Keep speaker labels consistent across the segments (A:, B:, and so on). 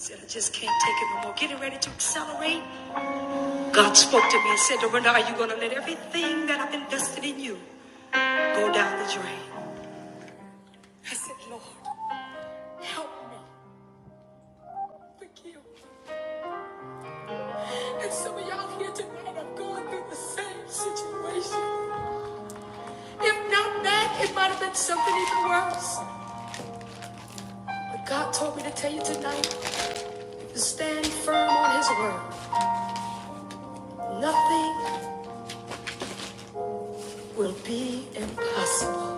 A: Said, I just can't take it no more. Getting ready to accelerate. God spoke to me and said, Dorinda, are you going to let everything that I've invested in you go down the drain? I said, Lord, help me. Forgive. me. And some of y'all here tonight are going through the same situation. If not that, it might have been something even worse. But God told me to tell you tonight to stand firm on His word. Nothing will be impossible.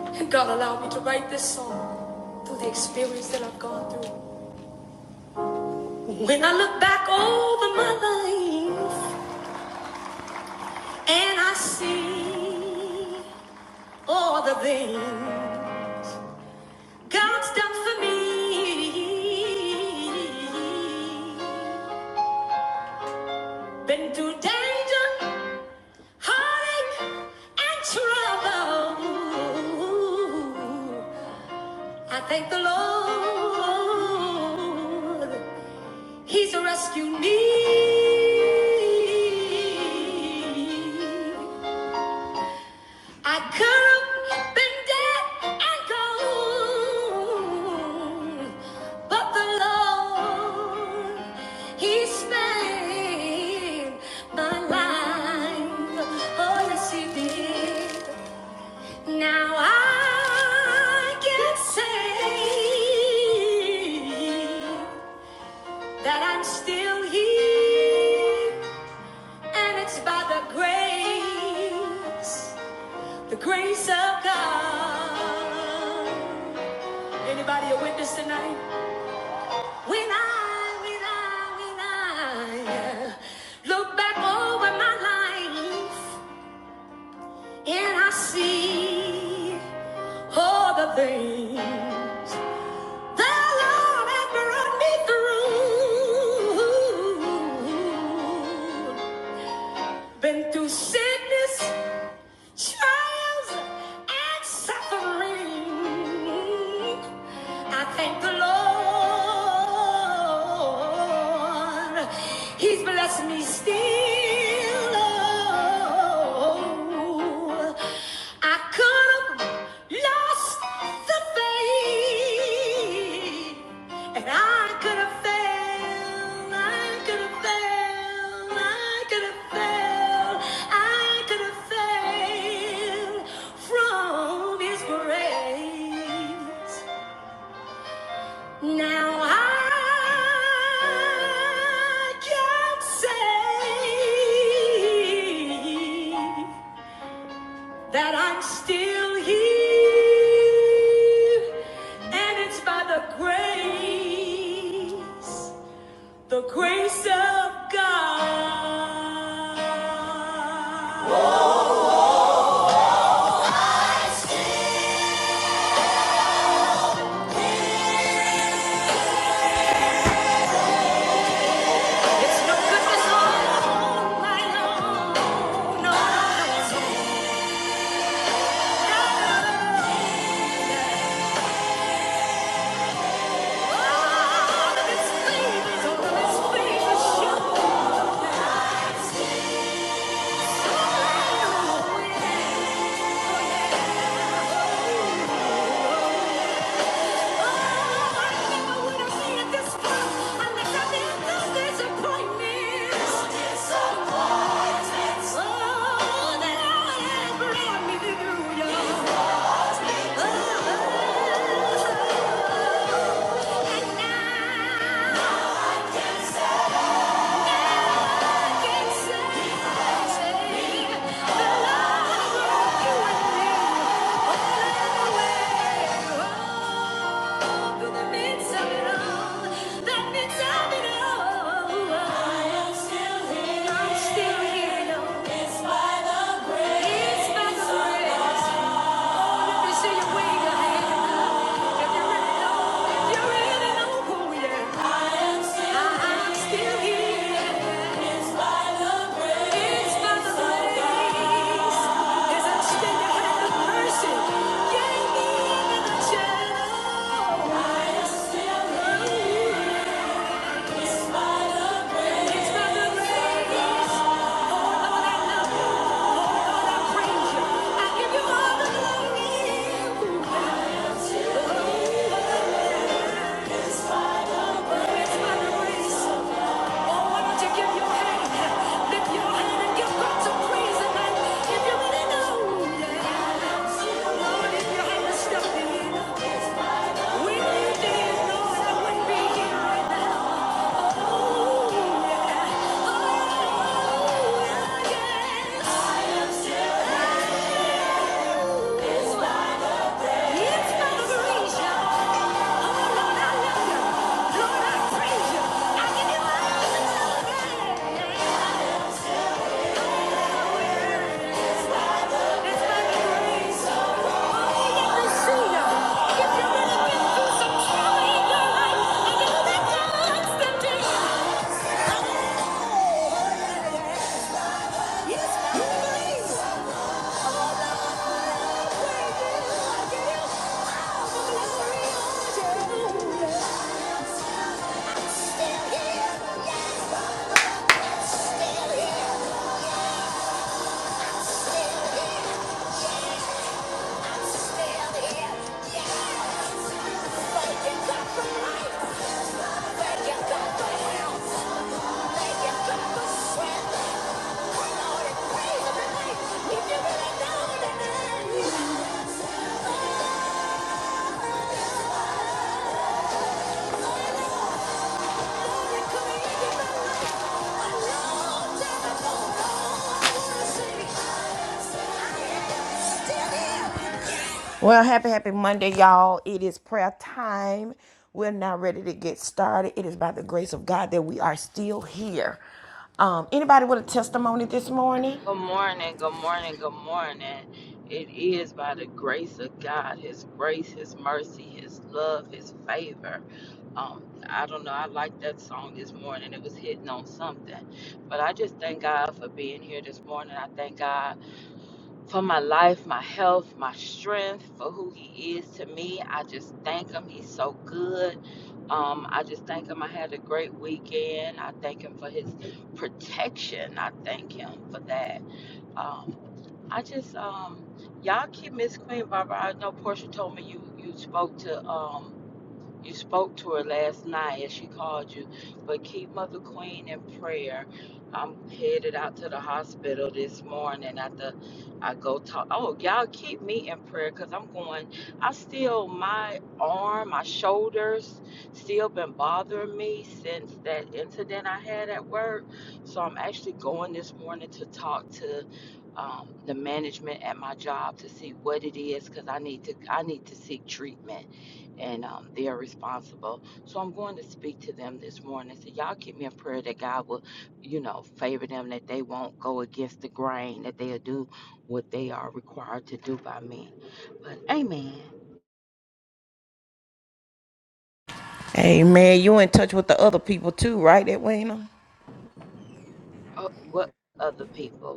A: And God allowed me to write this song through the experience that I've gone through. When I look back over my life and I see all the things God's done for me, been through danger, heartache, and trouble. I thank the Lord, He's rescued me. I could have been dead and gone, but the Lord, He spared my life. Oh, yes, He did. Now I can say that I'm still here, and it's by the grace. The grace of God. Anybody a witness tonight? When I, when I, when I uh, look back over my life and I see all the things the Lord has brought me through. Been through sickness, trials and suffering. I thank the Lord. He's blessed me still. Oh, I could have. Lost the faith, and I could have failed. I could have failed. I could have failed. I could have failed from His grace. Now I can say that I'm still here, and it's by the grace, the grace of God. Whoa. It's no goodness of mine own. No, no, no, it's God. all of His favors, all of His favors shown. Oh, I'm Still here, no. It's by the grace. It's by the grace. Thank you. Yeah. It's not a Oh, Lord, I love you. Lord, I praise you. I give you my praise. It's by the Oh, you get see you. If you really been through some trauma in your life, and you know that God stepped in. Oh, it's by the grace. Still here, yes, I'm still here. Yeah. Well, happy, happy Monday, y'all. It is prayer time. We're now ready to get started. It is by the grace of God that we are still here. Um, anybody with a testimony this morning?
B: Good morning, good morning, good morning. It is by the grace of God, His grace, His mercy, His love, His favor. Um, I don't know, I like that song this morning. It was hitting on something. But I just thank God for being here this morning. I thank God for my life, my health, my strength, for who He is to me. I just thank Him. He's so good. Um, I just thank Him. I had a great weekend. I thank Him for His protection. I thank Him for that. Um, I just um y'all keep Miss Queen Barbara. I know Portia told me you you spoke to um you spoke to her last night as she called you, but keep Mother Queen in prayer. I'm headed out to the hospital this morning after I go talk. Oh, y'all keep me in prayer because I'm going. I still, my arm, my shoulders still been bothering me since that incident I had at work. So I'm actually going this morning to talk to um, the management at my job to see what it is because I need to, I need to seek treatment and um, they are responsible. So I'm going to speak to them this morning. So y'all keep me in prayer that God will, you know, favor them, that they won't go against the grain, that they'll do what they are required to do by me. But amen.
A: Amen. You in touch with the other people too, right, Edwina?
B: Uh, what other people?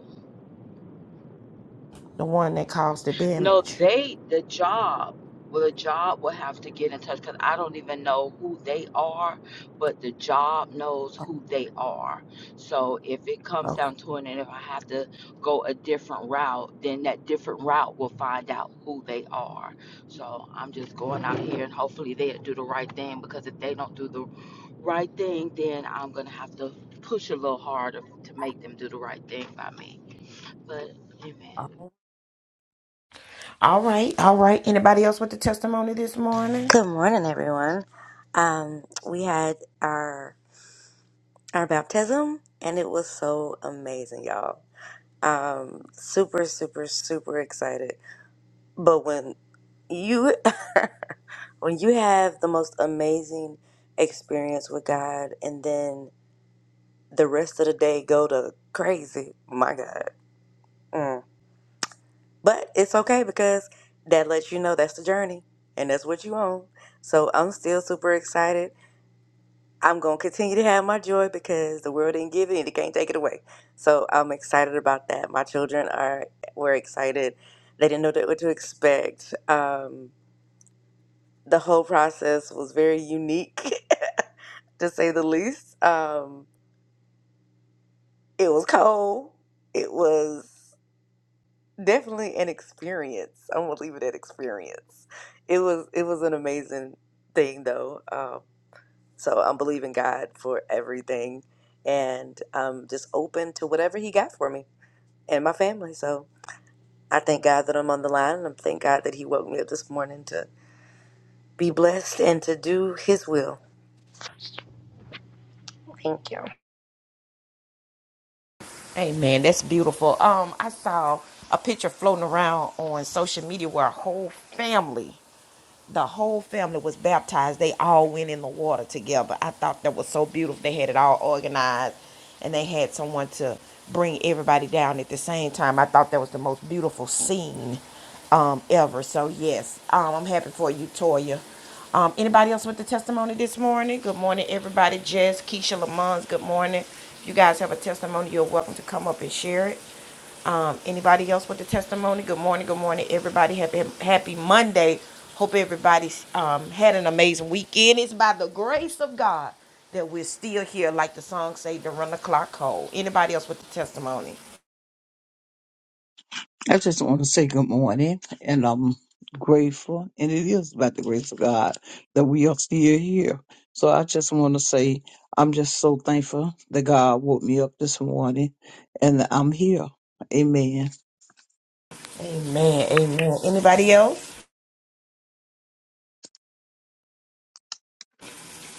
A: The one that caused the
B: No,
A: damage.
B: they, the job, well, the job will have to get in touch because I don't even know who they are, but the job knows who they are. So if it comes
A: Okay.
B: down to it, and if I have to go a different route, then that different route will find out who they are. So I'm just going out here and hopefully they'll do the right thing because if they don't do the right thing, then I'm going to have to push a little harder to make them do the right thing by me. But amen.
A: All right, all right. Anybody else with the testimony this morning?
C: Good morning, everyone. Um, we had our our baptism, and it was so amazing, y'all. Um, super, super, super excited. But when you when you have the most amazing experience with God, and then the rest of the day go to crazy, my God. Mm. But it's okay because that lets you know that's the journey, and that's what you own. So I'm still super excited I'm going to continue to have my joy because the world didn't give it and it can't take it away. So I'm excited about that. My children are were excited. They didn't know that- what to expect. Um, the whole process was very unique, to say the least. Um, it was cold. It was definitely an experience. I'm gonna leave it at experience. It was it was an amazing thing though. Um, So I'm believing God for everything and I'm just open to whatever He got for me and my family. So I thank God that I'm on the line and I thank God that He woke me up this morning to be blessed and to do His will. Thank you.
A: Amen. That's beautiful. Um, I saw a picture floating around on social media where a whole family the whole family was baptized. They all went in the water together. I thought that was so beautiful. They had it all organized and they had someone to bring everybody down at the same time. I thought that was the most beautiful scene um, ever. So, yes, um, I'm happy for you, Toya. Um, anybody else with the testimony this morning? Good morning, everybody. Jess, Keisha, Lamons, good morning. If you guys have a testimony, you're welcome to come up and share it. Um, anybody else with the testimony? Good morning, good morning, everybody. Happy, happy Monday. Hope everybody's um, had an amazing weekend. It's by the grace of God that we're still here, like the song say, to run the clock cold. Anybody else with the testimony?
D: I just want to say good morning, and I'm grateful, and it is by the grace of God that we are still here. So I just want to say I'm just so thankful that God woke me up this morning, and that I'm here. Amen.
A: Amen, amen. Anybody else?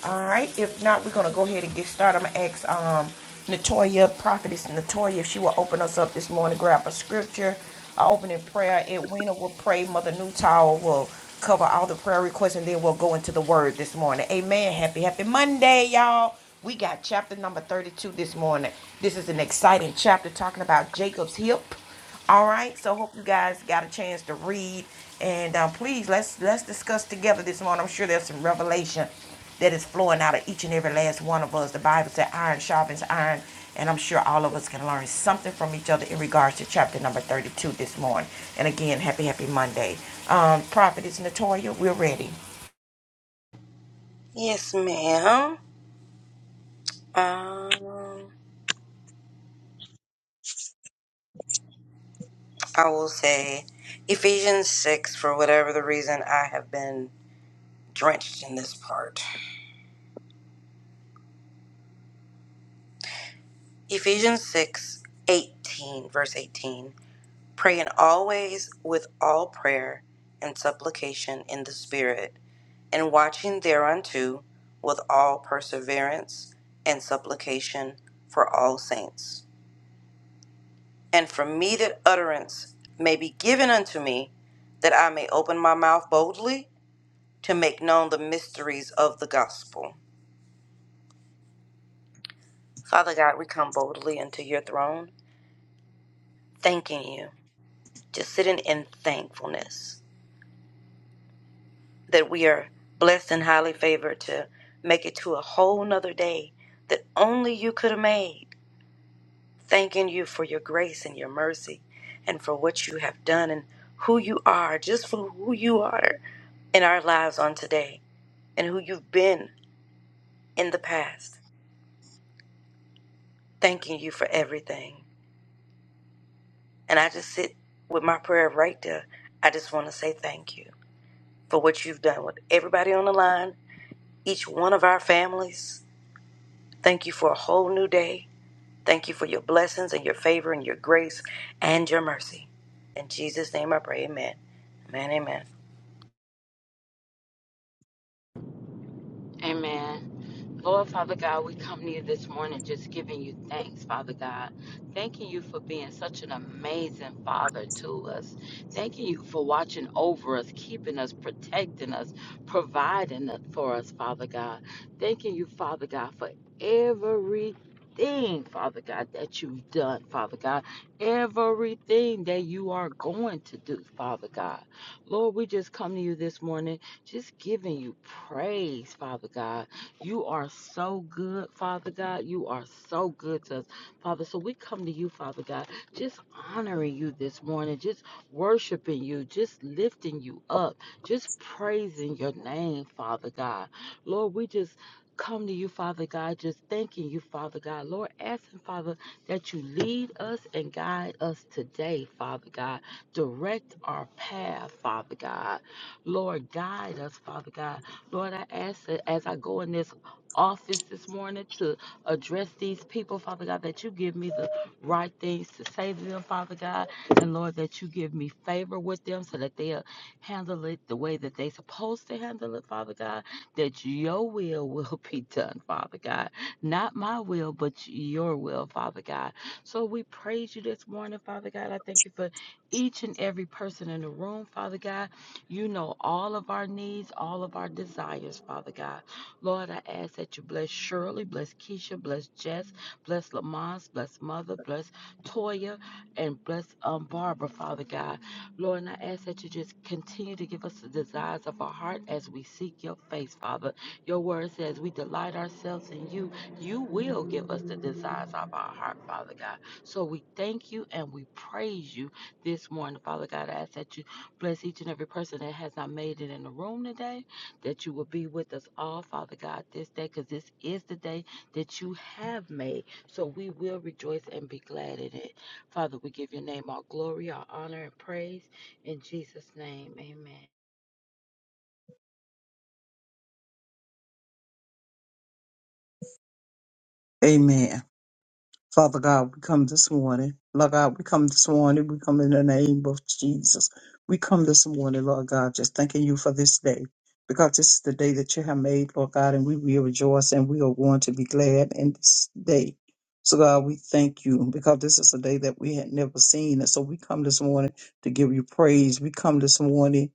A: All right. If not, we're gonna go ahead and get started. I'm gonna ask um Natoya, prophetess Natoya, if she will open us up this morning, grab a scripture. I'll open in prayer. Edwina will pray. Mother Newtower will cover all the prayer requests, and then we'll go into the word this morning. Amen. Happy, happy Monday, y'all. We got chapter number 32 this morning. This is an exciting chapter talking about Jacob's hip. All right. So hope you guys got a chance to read and um, please let's let's discuss together this morning. I'm sure there's some revelation that is flowing out of each and every last one of us. The Bible said iron sharpens iron, and I'm sure all of us can learn something from each other in regards to chapter number 32 this morning. And again, happy happy Monday. Um, Prophetess Natoya, we're ready.
C: Yes, ma'am. Um, I will say Ephesians 6, for whatever the reason, I have been drenched in this part. Ephesians 6, 18, verse 18. praying always with all prayer and supplication in the Spirit, and watching thereunto with all perseverance and supplication for all saints. And for me that utterance may be given unto me, that I may open my mouth boldly to make known the mysteries of the gospel. Father God, we come boldly unto your throne, thanking you, just sitting in thankfulness that we are blessed and highly favored to make it to a whole nother day that only you could have made. Thanking you for your grace and your mercy and for what you have done and who you are, just for who you are in our lives on today and who you've been in the past. Thanking you for everything. And I just sit with my prayer right there. I just want to say thank you for what you've done with everybody on the line, each one of our families. Thank you for a whole new day. Thank you for your blessings and your favor and your grace and your mercy. In Jesus' name I pray, amen. Amen, amen.
B: Amen. Lord Father God, we come to you this morning just giving you thanks, Father God. Thanking you for being such an amazing Father to us. Thanking you for watching over us, keeping us, protecting us, providing it for us, Father God. Thanking you, Father God, for everything, Father God, that you've done, Father God, everything that you are going to do, Father God. Lord, we just come to you this morning, just giving you praise, Father God you are so good, Father God. You are so good to us, Father. So we come to you, Father God, just honoring you this morning, just worshiping you, just lifting you up, just praising your name, Father God. Lord, we just come to you, Father God, just thanking you, Father God. Lord, asking, Father, that you lead us and guide us today, Father God. Direct our path, Father God. Lord, guide us, Father God. Lord, I ask that as I go in this office this morning to address these people, Father God, that you give me the right things to say to them, Father God. And Lord, that you give me favor with them so that they'll handle it the way that they're supposed to handle it, Father God. That your will will be done, Father God. Not my will, but your will, Father God. So we praise you this morning, Father God. I thank you for each and every person in the room, Father God. You know all of our needs, all of our desires, Father God. Lord, I ask that you bless Shirley, bless Keisha, bless Jess, bless Lamont, bless Mother, bless Toya, and bless um, Barbara, Father God. Lord, and I ask that you just continue to give us the desires of our heart as we seek your face, Father. Your word says we delight ourselves in you. You will give us the desires of our heart, Father God. So we thank you and we praise you this morning, Father God. I ask that you Bless each and every person that has not made it in the room today, that you will be with us all, Father God, this day, because this is the day that you have made. So we will rejoice and be glad in it. Father, we give your name all glory, all honor, and praise. In Jesus' name, amen.
D: Amen. Father God, we come this morning. Lord God, we come this morning. We come in the name of Jesus. We come this morning, Lord God, just thanking you for this day. Because this is the day that you have made, Lord God, and we will rejoice and we are going to be glad in this day. So God, we thank you because this is a day that we had never seen. And so we come this morning to give you praise. We come this morning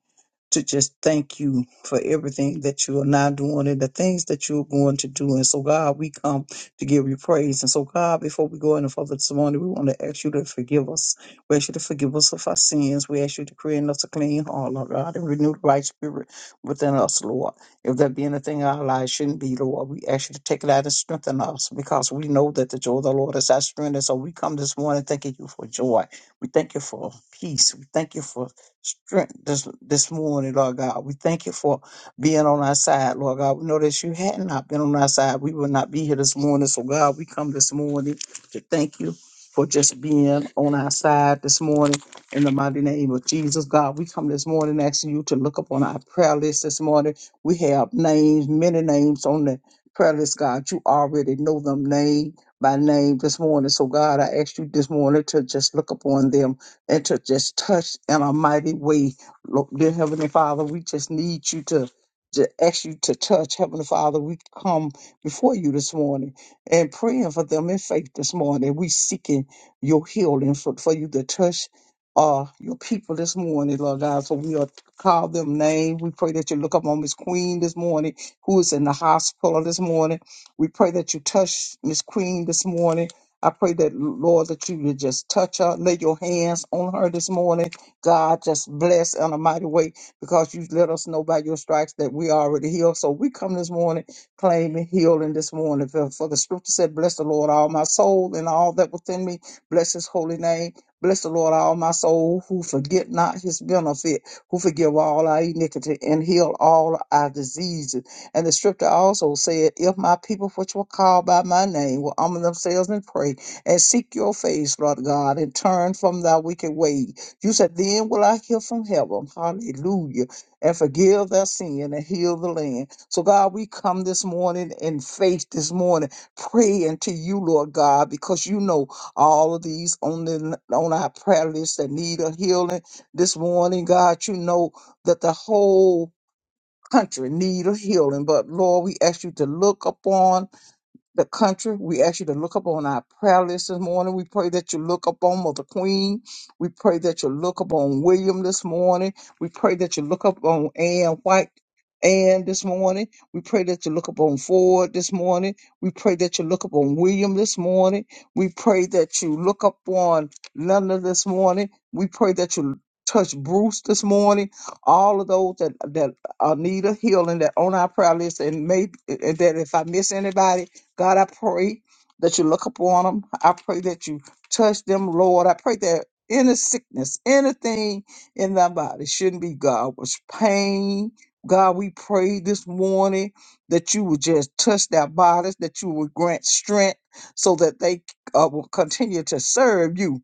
D: to just thank you for everything that you are now doing and the things that you're going to do. And so, God, we come to give you praise. And so, God, before we go any further this morning, we want to ask you to forgive us. We ask you to forgive us of our sins. We ask you to create in us a clean heart, Lord God, and renew the right spirit within us, Lord. If there be anything in our lives shouldn't be, Lord, we ask you to take it out and strengthen us because we know that the joy of the Lord is our strength. And so we come this morning thanking you for joy. We thank you for peace. We thank you for strength this, this morning, Lord God. We thank you for being on our side, Lord God. We know that if you had not been on our side. We would not be here this morning. So, God, we come this morning to thank you for just being on our side this morning in the mighty name of Jesus. God, we come this morning asking you to look up on our prayer list this morning. We have names, many names on the prayer list, God. You already know them name by name this morning. So, God, I ask you this morning to just look upon them and to just touch in a mighty way. Lord, dear Heavenly Father, we just need you to, to ask you to touch. Heavenly Father, we come before you this morning and praying for them in faith this morning. We seeking your healing for, for you to touch uh, your people this morning, Lord God. So we are call them name. We pray that you look up on Miss Queen this morning, who is in the hospital this morning. We pray that you touch Miss Queen this morning I pray that, Lord, that you would just touch her, lay your hands on her this morning. God, just bless in a mighty way because you let us know by your stripes that we are already healed. So we come this morning claiming healing this morning. For, for the scripture said, Bless the Lord, all my soul, and all that within me. Bless his holy name. Bless the Lord, all my soul, who forget not his benefit, who forgive all our iniquity and heal all our diseases. And the scripture also said, If my people which were called by my name will humble themselves and pray and seek your face, Lord God, and turn from thy wicked way, you said, Then will I hear from heaven, hallelujah, and forgive their sin and heal the land. So, God, we come this morning in faith this morning, praying to you, Lord God, because you know all of these on the on our prayer list that need a healing this morning, God. You know that the whole country need a healing. But Lord, we ask you to look upon the country. We ask you to look upon our prayer list this morning. We pray that you look upon Mother Queen. We pray that you look upon William this morning. We pray that you look upon Ann White. And this morning, we pray that you look upon Ford this morning. We pray that you look upon William this morning. We pray that you look upon Linda this morning. We pray that you touch Bruce this morning. All of those that, that uh, need a healing that on our prayer list and maybe and that if I miss anybody, God, I pray that you look upon them. I pray that you touch them, Lord. I pray that any sickness, anything in their body shouldn't be God was pain God, we pray this morning that you would just touch their bodies, that you would grant strength so that they uh, will continue to serve you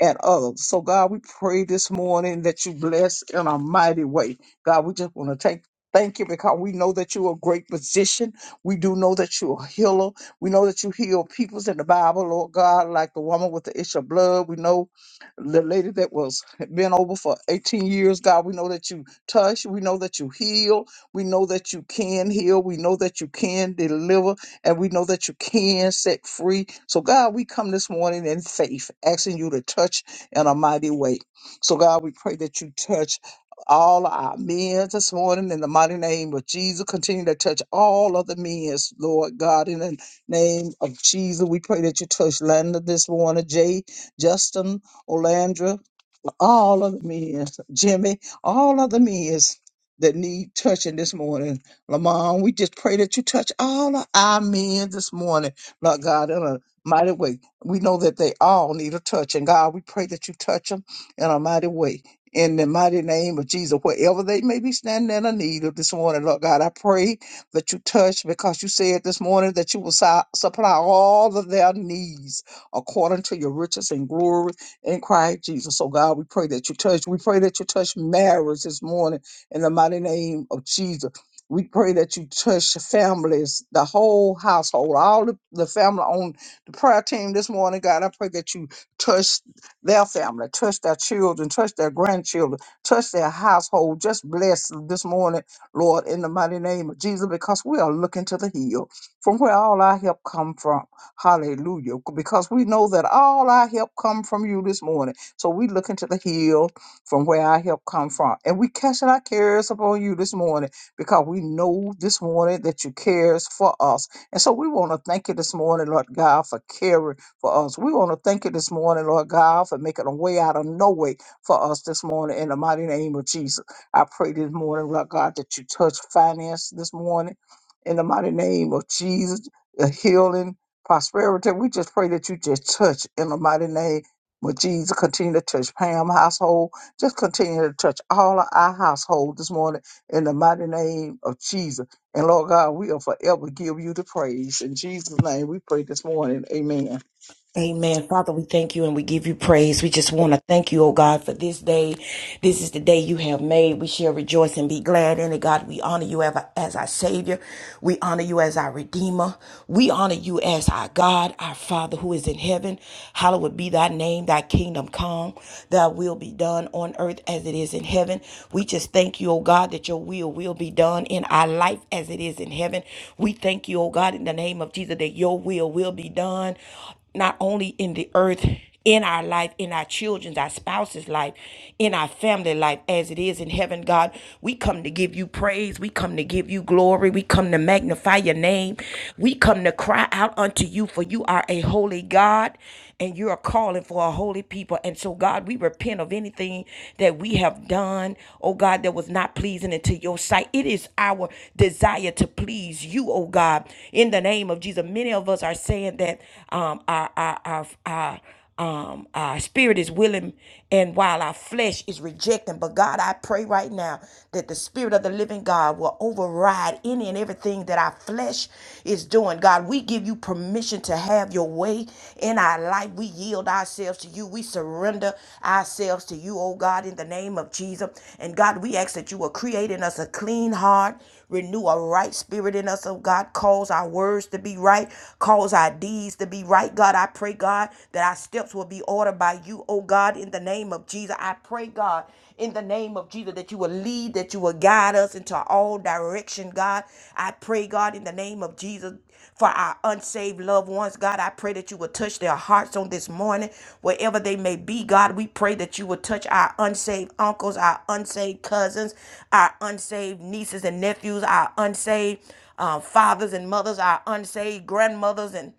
D: and others. So, God, we pray this morning that you bless in a mighty way. God, we just want to take thank you because we know that you're a great physician. We do know that you're a healer. We know that you heal peoples in the Bible, Lord God, like the woman with the issue of blood. We know the lady that was been over for 18 years, God. We know that you touch. We know that you heal. We know that you can heal. We know that you can deliver and we know that you can set free. So, God, we come this morning in faith, asking you to touch in a mighty way. So, God, we pray that you touch all our men this morning in the mighty name of Jesus. Continue to touch all other men, Lord God, in the name of Jesus. We pray that you touch Landa this morning, Jay, Justin, Olandra all of the men, Jimmy, all of the men that need touching this morning. Lamont, we just pray that you touch all of our men this morning, Lord God, in a mighty way. We know that they all need a touch, and God, we pray that you touch them in a mighty way. In the mighty name of Jesus, wherever they may be standing in a need of this morning, Lord God, I pray that you touch because you said this morning that you will su- supply all of their needs according to your riches and glory in Christ Jesus. So, God, we pray that you touch. We pray that you touch marriage this morning in the mighty name of Jesus. We pray that you touch families, the whole household, all the, the family on the prayer team this morning, God. I pray that you touch their family, touch their children, touch their grandchildren, touch their household. Just bless this morning, Lord, in the mighty name of Jesus, because we are looking to the hill from where all our help come from. Hallelujah. Because we know that all our help come from you this morning. So we look into the hill from where our help come from. And we casting our cares upon you this morning because we know this morning that you cares for us. And so we want to thank you this morning, Lord God, for caring for us. We want to thank you this morning, Lord God, for making a way out of no way for us this morning in the mighty name of Jesus. I pray this morning, Lord God, that you touch finance this morning in the mighty name of Jesus, the healing prosperity. We just pray that you just touch in the mighty name of Jesus. Continue to touch Pam household. Just continue to touch all of our household this morning in the mighty name of Jesus. And Lord God, we will forever give you the praise. In Jesus' name, we pray this morning. Amen.
A: Amen. Father, we thank you and we give you praise. We just want to thank you, oh God, for this day. This is the day you have made. We shall rejoice and be glad in it. God, we honor you ever as our Savior. We honor you as our Redeemer. We honor you as our God, our Father who is in heaven. Hallowed be thy name, thy kingdom come, thy will be done on earth as it is in heaven. We just thank you, oh God, that your will will be done in our life as it is in heaven. We thank you, oh God, in the name of Jesus, that your will will be done not only in the earth, in our life, in our children's, our spouse's life, in our family life, as it is in heaven, God. We come to give you praise. We come to give you glory. We come to magnify your name. We come to cry out unto you, for you are a holy God and you are calling for a holy people. And so, God, we repent of anything that we have done, oh God, that was not pleasing into your sight. It is our desire to please you, oh God, in the name of Jesus. Many of us are saying that um, our, our, our, our um, our spirit is willing and while our flesh is rejecting. But God, I pray right now that the spirit of the living God will override any and everything that our flesh is doing. God, we give you permission to have your way in our life. We yield ourselves to you. We surrender ourselves to you, oh God, in the name of Jesus. And God, we ask that you will create in us a clean heart, renew a right spirit in us, oh God. Cause our words to be right, cause our deeds to be right, God. I pray, God, that our steps will be ordered by you, oh God, in the name of Jesus. I pray, God, in the name of Jesus, that you will lead, that you will guide us into all direction, God. I pray, God, in the name of Jesus, for our unsaved loved ones, God. I pray that you will touch their hearts on this morning, wherever they may be, God. We pray that you will touch our unsaved uncles, our unsaved cousins, our unsaved nieces and nephews, our unsaved uh, fathers and mothers, our unsaved grandmothers and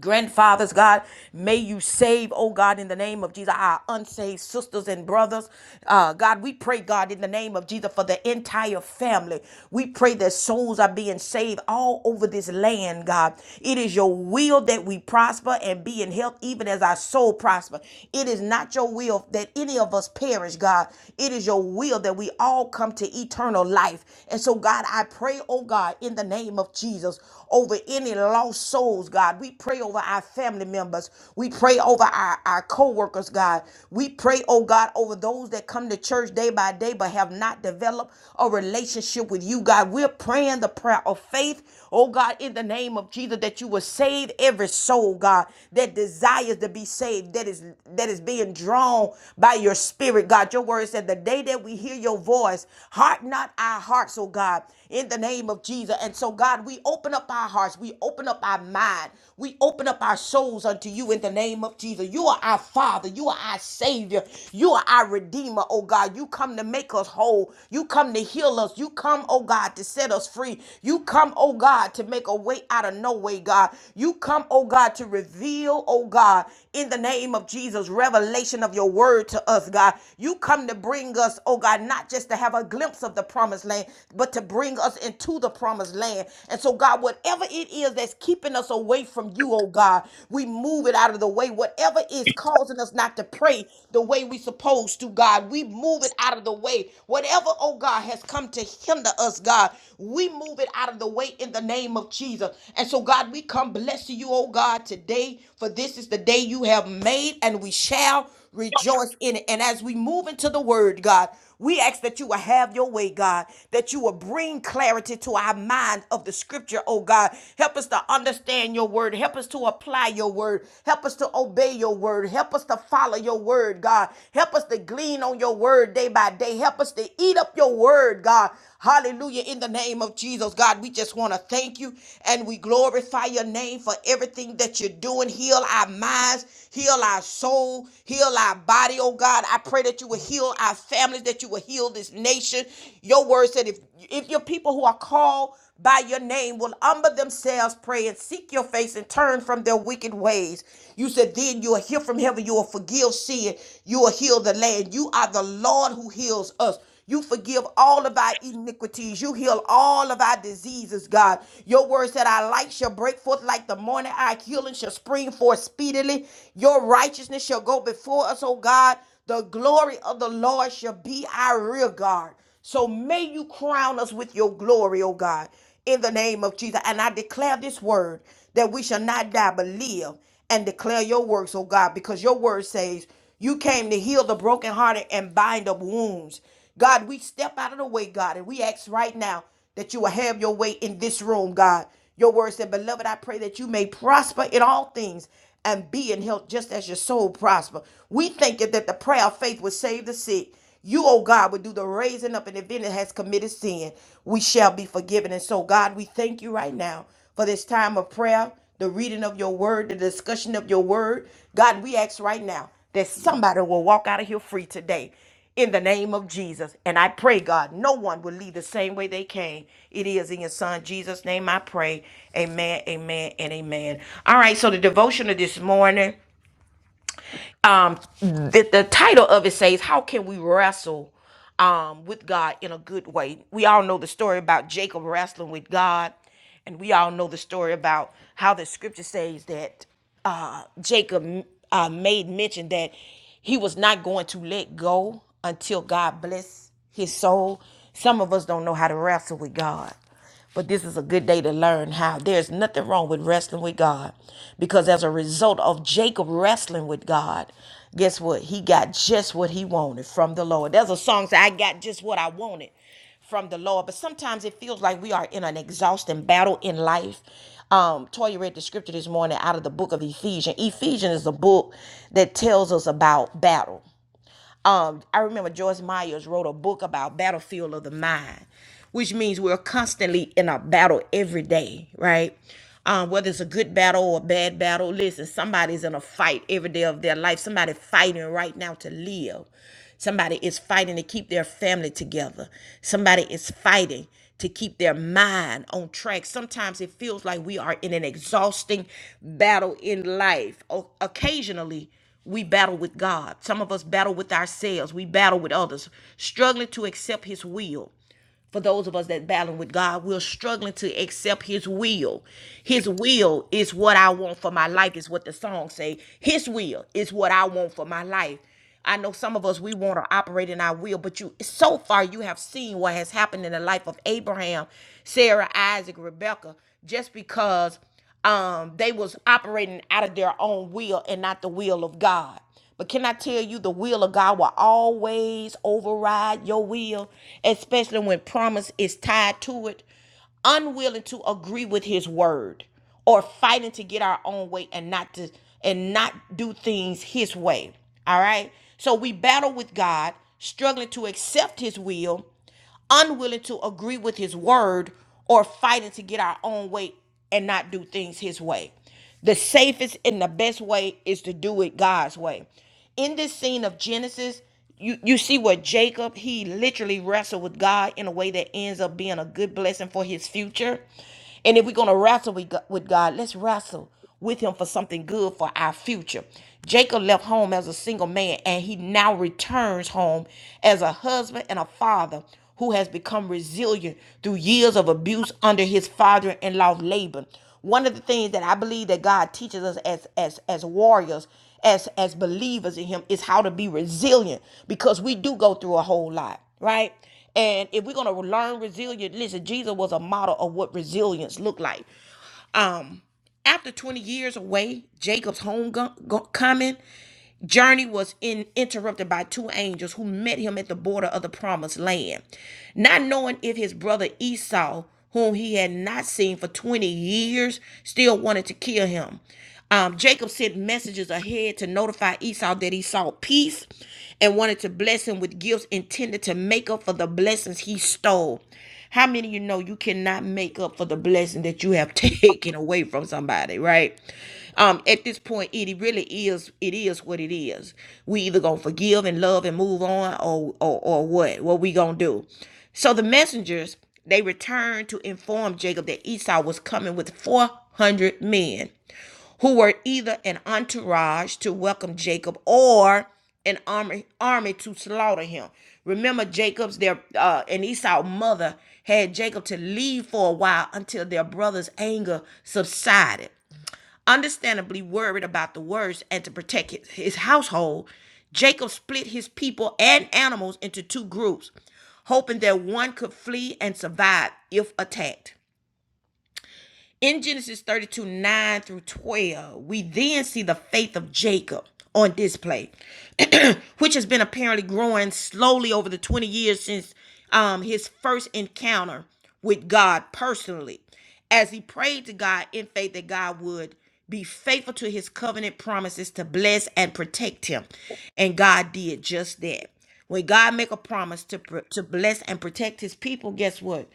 A: grandfathers, God. May you save, oh God, in the name of Jesus, our unsaved sisters and brothers. Uh, God, we pray, God, in the name of Jesus, for the entire family. We pray that souls are being saved all over this land, God. It is your will that we prosper and be in health, even as our soul prosper. It is not your will that any of us perish, God. It is your will that we all come to eternal life. And so, God, I pray, oh God, in the name of Jesus, over any lost souls, God. We pray over our family members. We pray over our, our co workers, God. We pray, oh God, over those that come to church day by day but have not developed a relationship with you, God. We're praying the prayer of faith, oh God, in the name of Jesus, that you will save every soul, God, that desires to be saved, that is that is being drawn by your spirit, God. Your word said the day that we hear your voice, harden not our hearts, oh God in the name of Jesus. And so, God, we open up our hearts, we open up our mind, we open up our souls unto you in the name of Jesus. You are our Father, you are our Savior, you are our Redeemer, oh God. You come to make us whole, you come to heal us, you come, oh God, to set us free, you come, oh God, to make a way out of no way, God. You come, oh God, to reveal, oh God, in the name of Jesus, revelation of your word to us, God. You come to bring us, oh God, not just to have a glimpse of the promised land, but to bring us into the promised land. And so, God, whatever it is that's keeping us away from you, oh God, we move it out of the way. Whatever is causing us not to pray the way we supposed to, God, we move it out of the way. Whatever, oh God, has come to hinder us, God, we move it out of the way in the name of Jesus. And so, God, we come blessing you, oh God, today, for this is the day you have made, and we shall Rejoice in it. And as we move into the word, God, we ask that you will have your way, God, that you will bring clarity to our mind of the scripture, oh God. Help us to understand your word. Help us to apply your word. Help us to obey your word. Help us to follow your word, God. Help us to glean on your word day by day. Help us to eat up your word, God. Hallelujah. In the name of Jesus, God, we just want to thank you and we glorify your name for everything that you're doing. Heal our minds, heal our soul, heal our body, oh God. I pray that you will heal our families, that you will heal this nation. Your word said if if your people who are called by your name will humble themselves, pray, and seek your face and turn from their wicked ways. You said, Then you will hear from heaven, you will forgive sin, you will heal the land. You are the Lord who heals us. You forgive all of our iniquities. You heal all of our diseases, God. Your word said, Our light shall break forth like the morning. Our healing shall spring forth speedily. Your righteousness shall go before us, oh God. The glory of the Lord shall be our rear guard. So may you crown us with your glory, oh God, in the name of Jesus. And I declare this word that we shall not die but live and declare your works, oh God, because your word says you came to heal the brokenhearted and bind up wounds. God, we step out of the way, God, and we ask right now that you will have your way in this room, God. Your word said, Beloved, I pray that you may prosper in all things and be in health just as your soul prosper. We think that the prayer of faith will save the sick. You, oh God, would do the raising up, and if any has committed sin, we shall be forgiven. And so, God, we thank you right now for this time of prayer, the reading of your word, the discussion of your word. God, we ask right now that somebody will walk out of here free today in the name of Jesus. And I pray, God, no one will leave the same way they came. It is in your son Jesus' name I pray. Amen, amen, and amen. All right, so the devotional this morning um the, the title of it says how can we wrestle um with god in a good way we all know the story about jacob wrestling with god and we all know the story about how the scripture says that uh jacob uh, made mention that he was not going to let go until god bless his soul some of us don't know how to wrestle with god but this is a good day to learn how. There's nothing wrong with wrestling with God because as a result of Jacob wrestling with God, guess what? He got just what he wanted from the Lord. There's a song that I got just what I wanted from the Lord. But sometimes it feels like we are in an exhausting battle in life. Um, Toya read the scripture this morning out of the book of Ephesians. Ephesians is a book that tells us about battle. Um, I remember Joyce Myers wrote a book about battlefield of the mind, which means we're constantly in a battle every day, right? Um, whether it's a good battle or a bad battle, listen, somebody's in a fight every day of their life. Somebody fighting right now to live. Somebody is fighting to keep their family together. Somebody is fighting to keep their mind on track. Sometimes it feels like we are in an exhausting battle in life. O- occasionally, we battle with God. Some of us battle with ourselves. We battle with others, struggling to accept His will for those of us that battling with God, we're struggling to accept his will. His will is what I want for my life, is what the song say. His will is what I want for my life. I know some of us we want to operate in our will, but you so far you have seen what has happened in the life of Abraham, Sarah, Isaac, Rebecca, just because um they was operating out of their own will and not the will of God. But can I tell you, the will of God will always override your will, especially when promise is tied to it. Unwilling to agree with His word, or fighting to get our own way and not to and not do things His way. All right. So we battle with God, struggling to accept His will unwilling to agree with his word or fighting to get our own way and not do things his way. The safest and the best way is to do it God's way. In this scene of Genesis, you, you see where Jacob, he literally wrestled with God in a way that ends up being a good blessing for his future. And if we're going to wrestle with Go- with God, let's wrestle with him for something good for our future. Jacob left home as a single man and he now returns home as a husband and a father who has become resilient through years of abuse under his father-in-law Laban. One of the things that I believe that God teaches us as as as warriors, as as believers in him is how to be resilient because we do go through a whole lot, right? And if we're gonna learn resilience, listen, Jesus was a model of what resilience looked like. Um, after 20 years away, Jacob's homecoming journey was in, interrupted by two angels who met him at the border of the promised land. Not knowing if his brother Esau, whom he had not seen for 20 years, still wanted to kill him. Um, Jacob sent messengers ahead to notify Esau that he sought peace and wanted to bless him with gifts intended to make up for the blessings he stole. How many of you know you cannot make up for the blessing that you have taken away from somebody, right? Um, at this point, it really is it is what it is. We either gonna forgive and love and move on or or, or what? What we gonna do? So the messengers they returned to inform Jacob that Esau was coming with 400 men who were either an entourage to welcome Jacob or an army army to slaughter him. Remember, Jacob's their uh, and Esau's mother had Jacob to leave for a while until their brother's anger subsided. Understandably worried about the words and to protect his, his household, Jacob split his people and animals into two groups, hoping that one could flee and survive if attacked. In Genesis 32 9 through 12, we then see the faith of Jacob on display, which has been apparently growing slowly over the 20 years since um, his first encounter with God personally, as he prayed to God in faith that God would be faithful to his covenant promises to bless and protect him. And God did just that. When God make a promise to, pr- to bless and protect his people, guess what?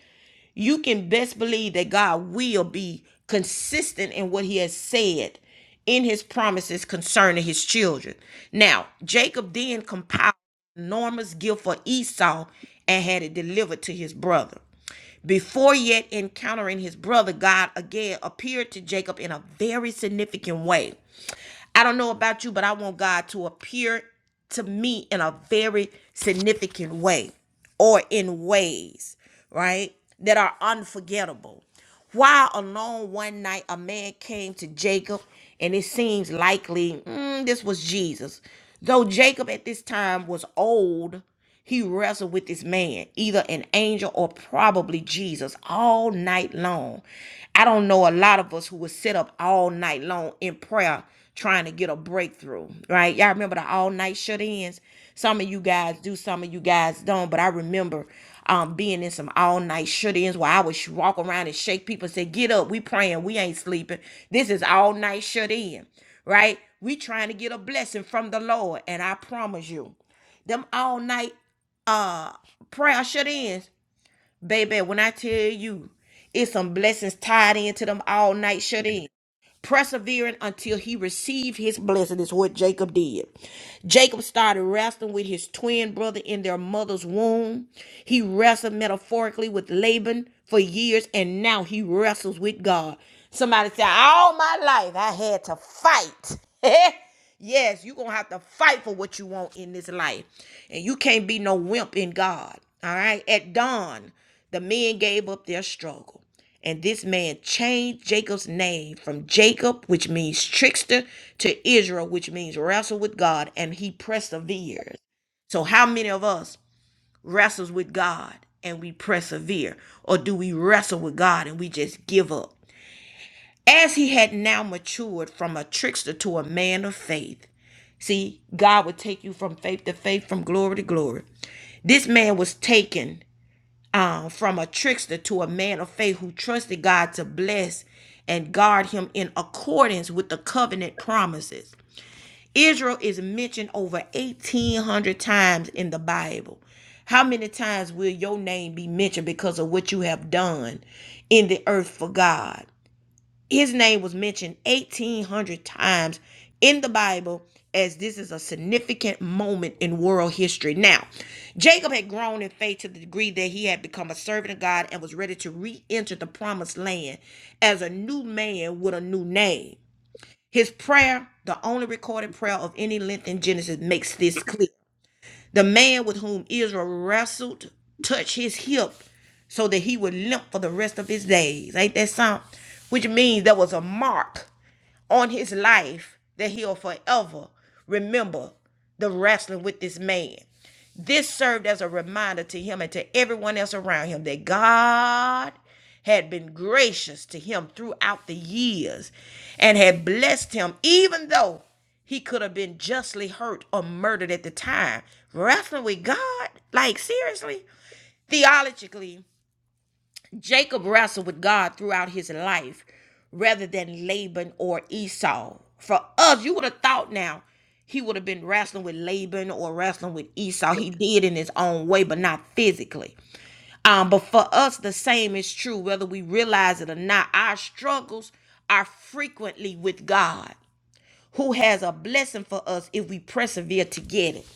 A: you can best believe that God will be consistent in what he has said in his promises concerning his children. Now, Jacob then compiled an enormous gift for Esau and had it delivered to his brother. Before yet encountering his brother, God again appeared to Jacob in a very significant way. I don't know about you, but I want God to appear to me in a very significant way or in ways right? That are unforgettable. Why alone one night a man came to Jacob, and it seems likely mm, this was Jesus. Though Jacob at this time was old, he wrestled with this man, either an angel or probably Jesus, all night long. I don't know a lot of us who would sit up all night long in prayer trying to get a breakthrough, right? Y'all remember the all night shut ins? Some of you guys do, some of you guys don't, but I remember um, being in some all night shut ins where I would sh- walk around and shake people and say, Get up, we praying, we ain't sleeping. This is all night shut in, right? We trying to get a blessing from the Lord. And I promise you, them all night uh prayer shut ins, baby, when I tell you, it's some blessings tied into them all night shut ins persevering until he received his blessing, is what Jacob did. Jacob started wrestling with his twin brother in their mother's womb. He wrestled metaphorically with Laban for years, and now he wrestles with God. Somebody said, All my life I had to fight. Yes, you're gonna have to fight for what you want in this life. And you can't be no wimp in God. All right. At dawn, the men gave up their struggle. And this man changed Jacob's name from Jacob, which means trickster, to Israel, which means wrestle with God, and he persevered. So, how many of us wrestles with God and we persevere? Or do we wrestle with God and we just give up? As he had now matured from a trickster to a man of faith, see, God would take you from faith to faith, from glory to glory. This man was taken uh, from a trickster to a man of faith who trusted God to bless and guard him in accordance with the covenant promises. Israel is mentioned over 1,800 times in the Bible. How many times will your name be mentioned because of what you have done in the earth for God? His name was mentioned 1,800 times in the Bible as this is a significant moment in world history. Now, Jacob had grown in faith to the degree that he had become a servant of God and was ready to re enter the promised land as a new man with a new name. His prayer, the only recorded prayer of any length in Genesis, makes this clear. The man with whom Israel wrestled touched his hip so that he would limp for the rest of his days. Ain't that something? Which means there was a mark on his life that he'll forever remember the wrestling with this man. This served as a reminder to him and to everyone else around him that God had been gracious to him throughout the years and had blessed him, even though he could have been justly hurt or murdered at the time. Wrestling with God? Like, seriously? Theologically, Jacob wrestled with God throughout his life rather than Laban or Esau. For us, you would have thought now he would have been wrestling with Laban or wrestling with Esau. He did in his own way, but not physically. Um, but for us, the same is true, whether we realize it or not. Our struggles are frequently with God who has a blessing for us if we persevere to get it.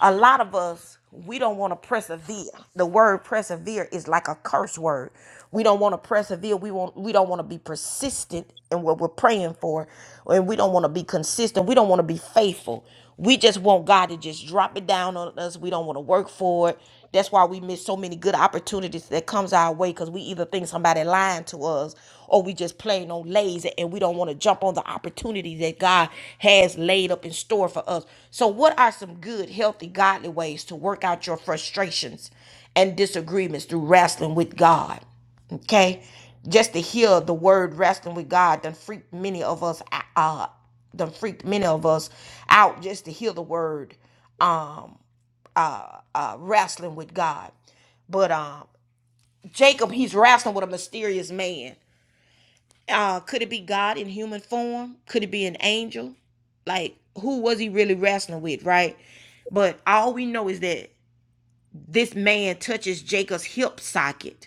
A: A lot of us, we don't want to persevere. The word persevere is like a curse word. We don't want to persevere. We want we don't want to be persistent in what we're praying for. And we don't want to be consistent. We don't want to be faithful. We just want God to just drop it down on us. We don't want to work for it. That's why we miss so many good opportunities that comes our way because we either think somebody lying to us or we just plain on lazy and we don't want to jump on the opportunity that God has laid up in store for us. So what are some good, healthy, godly ways to work out your frustrations and disagreements through wrestling with God? Okay? Just to hear the word wrestling with God done freaked many of us uh done freaked many of us out just to hear the word um uh, uh, wrestling with God. But um, Jacob, he's wrestling with a mysterious man. Uh, could it be God in human form? Could it be an angel? Like, who was he really wrestling with, right? But all we know is that this man touches Jacob's hip socket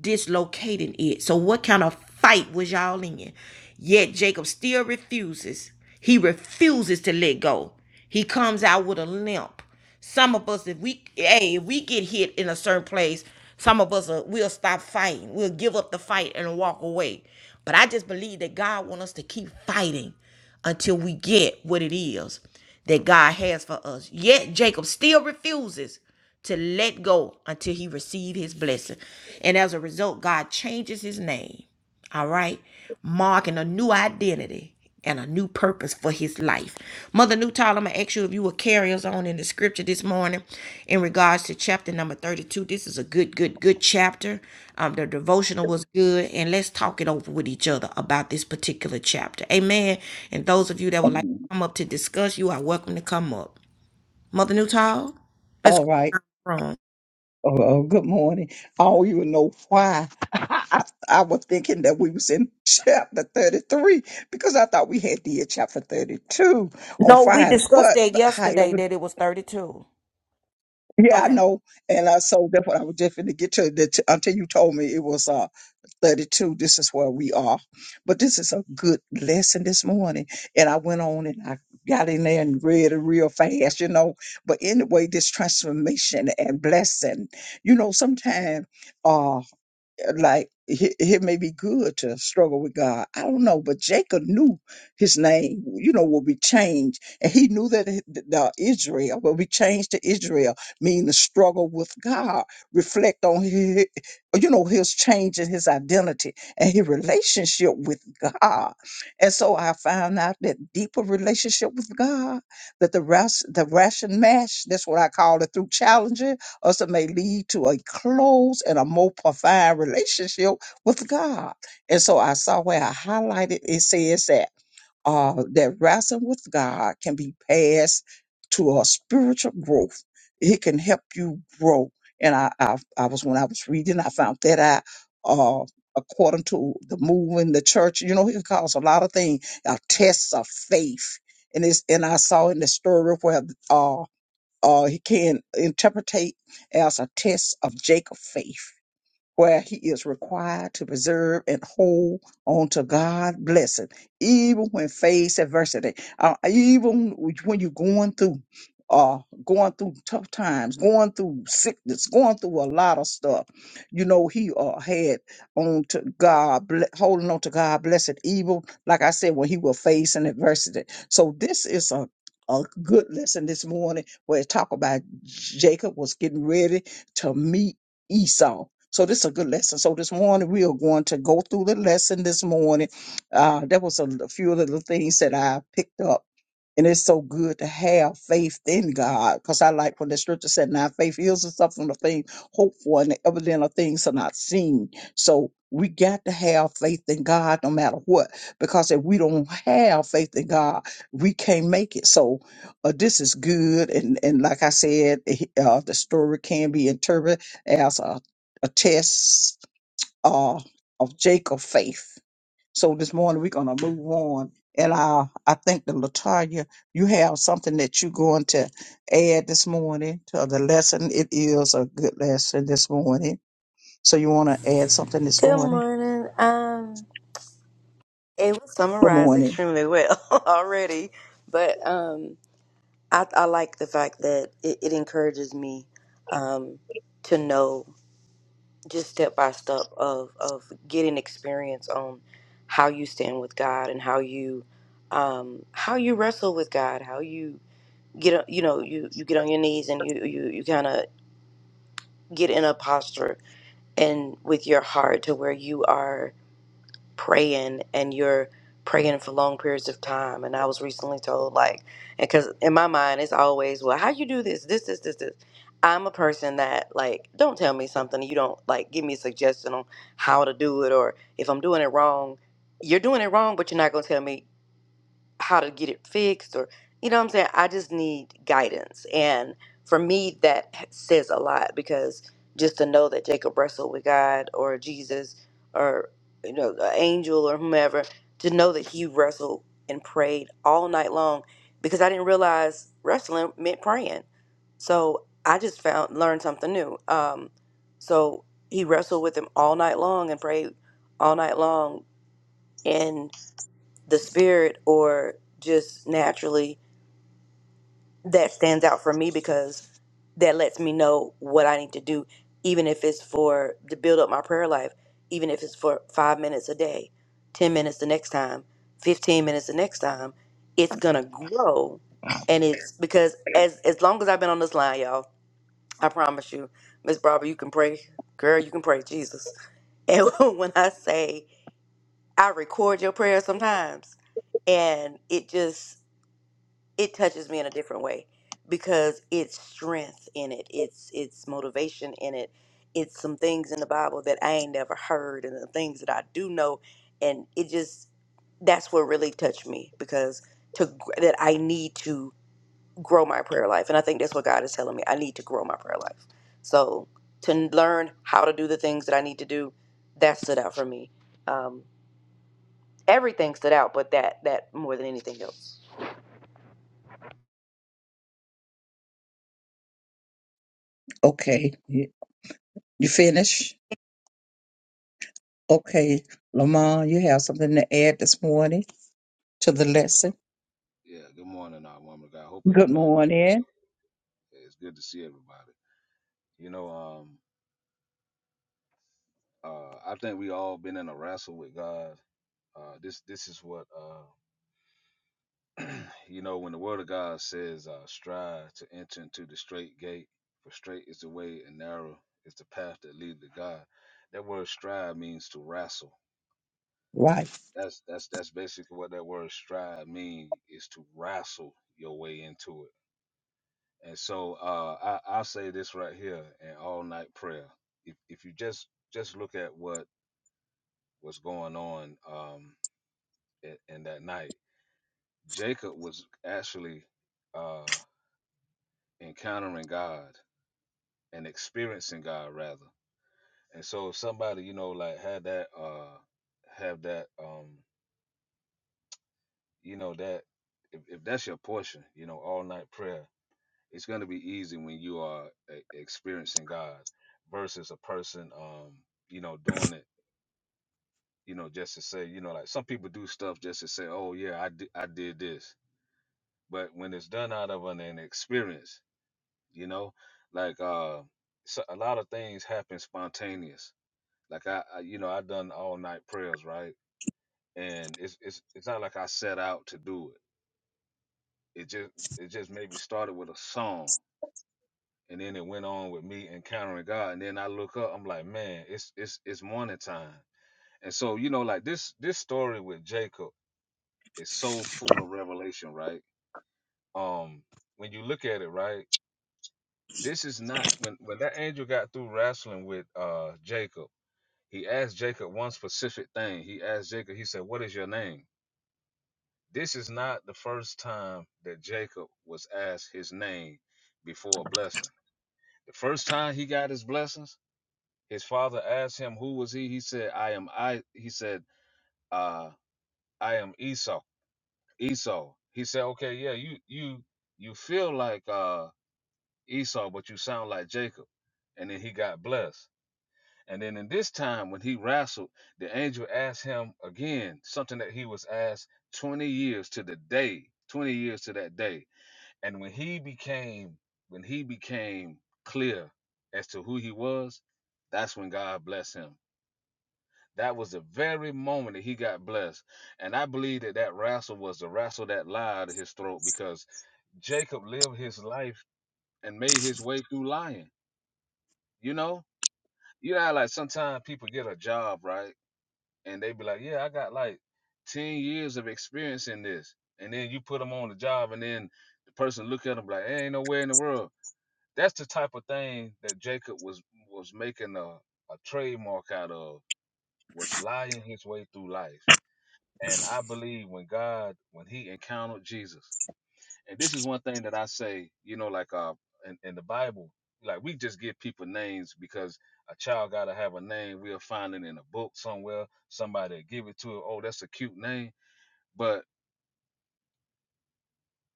A: dislocating it. So, what kind of fight was y'all in? Yet Jacob still refuses. He refuses to let go. He comes out with a limp. Some of us, if we hey, if we get hit in a certain place, some of us are, we'll stop fighting. We'll give up the fight and walk away. But I just believe that God wants us to keep fighting until we get what it is that God has for us. Yet Jacob still refuses to let go until he receives his blessing. And as a result, God changes his name. All right? Marking a new identity and a new purpose for his life. Mother Newtile, I'm going to ask you if you will carry us on in the scripture this morning in regards to chapter number 32. This is a good, good, good chapter. Um, the devotional was good. And let's talk it over with each other about this particular chapter. Amen. And those of you that would like to come up to discuss, you are welcome to come up. Mother Newtile, let's
D: All
A: go
D: right.
A: from.
D: Hello, good morning. I don't even know why I, I was thinking that we was in chapter 33 because I thought we had did chapter 32 on
A: No, we
D: Friday.
A: discussed
D: But,
A: that
D: but
A: yesterday,
D: however
A: that it was 32.
D: yeah, I
A: Okay.
D: know. And uh, so that's what I was just to get to. That until you told me it was uh 32, this is where we are. But this is a good lesson this morning. And I went on and I got in there and read it real fast, you know. But anyway, this transformation and blessing, you know, sometimes like it, it may be good to struggle with God. I don't know, but Jacob knew his name, you know, will be changed, and he knew that it- the Israel will be changed to Israel, meaning the struggle with God. Reflect on his, you know, his change in his identity and his relationship with God. And so I found out that deeper relationship with God, that the ras, the ration mash, that's what I call it, through challenges us it may lead to a close and a more profound relationship with God. And so I saw where I highlighted it says that uh that wrestling with God can be passed to a spiritual growth. It can help you grow. And I I, I was when I was reading, I found that I uh according to the move in the church, you know, it calls a lot of things a test of faith. And it's and I saw in the story where uh uh, he can interpretate as a test of Jacob's faith where he is required to preserve and hold on to God's blessing, even when faced adversity, uh, even when you're going through. Uh, going through tough times, going through sickness, going through a lot of stuff. You know, he uh, had on to God, ble- holding on to God, blessed evil, like I said, when he will face an adversity. So this is a, a good lesson this morning where it talk about Jacob was getting ready to meet Esau so this is a good lesson. So this morning we are going to go through the lesson this morning. Uh, that was a, a few of the little things that I picked up and it's so good to have faith in God. Because I like when the scripture said, now faith is the substance of things hoped for and the evidence of things are not seen. So we got to have faith in God no matter what. Because if we don't have faith in God, we can't make it. So uh, this is good. And, and like I said, eh, uh, the story can be interpreted as a, a test uh, of Jacob's faith so this morning we're gonna move on, and I I think that Latonya, you have something that you're going to add this morning to the lesson. It is a good lesson this morning. So you want to add something this
C: Good
D: morning?
C: morning. Um, it was
D: Good
C: summarized
D: morning.
C: extremely well already, but um, I, I like the fact that it, it encourages me um, to know just step by step of, of getting experience on how you stand with God and how you um, how you wrestle with God, how you get a- you know you you get on your knees and you you you kind of get in a posture and with your heart to where you are praying and you're praying for long periods of time and i was recently told like because in my mind it's always well how you do this this this this this i'm a person that like don't tell me something you don't like give me a suggestion on how to do it or if i'm doing it wrong you're doing it wrong but you're not going to tell me how to get it fixed or you know what I'm saying? I just need guidance. And for me that says a lot because just to know that Jacob wrestled with God or Jesus or you know an angel or whomever to know that he wrestled and prayed all night long because I didn't realize wrestling meant praying. So I just found learned something new. Um so he wrestled with him all night long and prayed all night long the spirit or just naturally that stands out for me because that lets me know what I need to do, even if it's for to build up my prayer life, even if it's for five minutes a day, 10 minutes the next time, 15 minutes the next time, it's gonna grow. And it's because as as long as I've been on this line, y'all, I promise you, Miss Barbara, you can pray. Girl, you can pray, Jesus. And when I say I record your prayers sometimes, and it just it touches me in a different way because it's strength in it it's it's motivation in it it's some things in the bible that i ain't never heard and the things that i do know and it just that's what really touched me because to gr- that i need to grow my prayer life and i think that's what god is telling me i need to grow my prayer life so to learn how to do the things that i need to do that stood out for me um, everything stood out but that that more than anything else
D: Okay, you, you finish. Okay, Lamar, you have something to add this morning to the lesson.
E: Yeah, good morning, uh, woman of God. Hope
D: Good
E: everybody doing well.
D: morning.
E: Hey, It's good to see everybody. You know, um, uh, I think we all been in a wrestle with God. Uh, this this is what uh, you know when the Word of God says, uh, "Strive to enter into the straight gate, for straight is the way and narrow is the path that leads to God." That word "strive" means to wrestle. That's that's that's basically what that word "strive" means is to wrestle your way into it And so uh, I, I'll say this right here in all night prayer. If, if you just just look at what was going on um, in, in that night, Jacob was actually uh, encountering God and experiencing God rather. And so if somebody you know like had that uh, have that um, you know that if, if that's your portion, you know all night prayer It's going to be easy when you are e- experiencing God versus a person, um, you know, doing it, you know, just to say, you know, like some people do stuff just to say, oh, yeah, I, di- I did this. But when it's done out of an, an experience, you know, like uh, so a lot of things happen spontaneous. Like I, I, you know, I done all night prayers, right? And it's it's it's not like I set out to do it. It just it just maybe started with a song And then it went on with me encountering God. And then I look up, I'm like, man, it's it's it's morning time. And so, you know, like this this story with Jacob is so full of revelation, right? Um, when you look at it, right, this is not when when that angel got through wrestling with uh Jacob, he asked Jacob one specific thing. He asked Jacob, he said, What is your name? This is not the first time that Jacob was asked his name before a blessing. The first time he got his blessings His father asked him who was he. He said, I am I he said, uh, I am Esau. Esau. He said, Okay, yeah, you you you feel like uh Esau, but you sound like Jacob. And then he got blessed. And then in this time when he wrestled, the angel asked him again something that he was asked 20 years to the day, 20 years to that day. And when he became when he became clear as to who he was, that's when God blessed him That was the very moment that he got blessed. And I believe that that wrestle was the wrestle that lied out of his throat because Jacob lived his life and made his way through lying. You know, you know, how, like sometimes people get a job, right? And they be like, yeah, I got like 10 years of experience in this. And then you put them on the job and then the person look at them like, "There ain't nowhere in the world. That's the type of thing that Jacob was was making a, a trademark out of was lying his way through life And I believe when God, when he encountered Jesus, and this is one thing that I say, you know, like uh in, in the Bible, like we just give people names because a child gotta have a name. We'll find it in a book somewhere, somebody give it to it. Oh, that's a cute name. But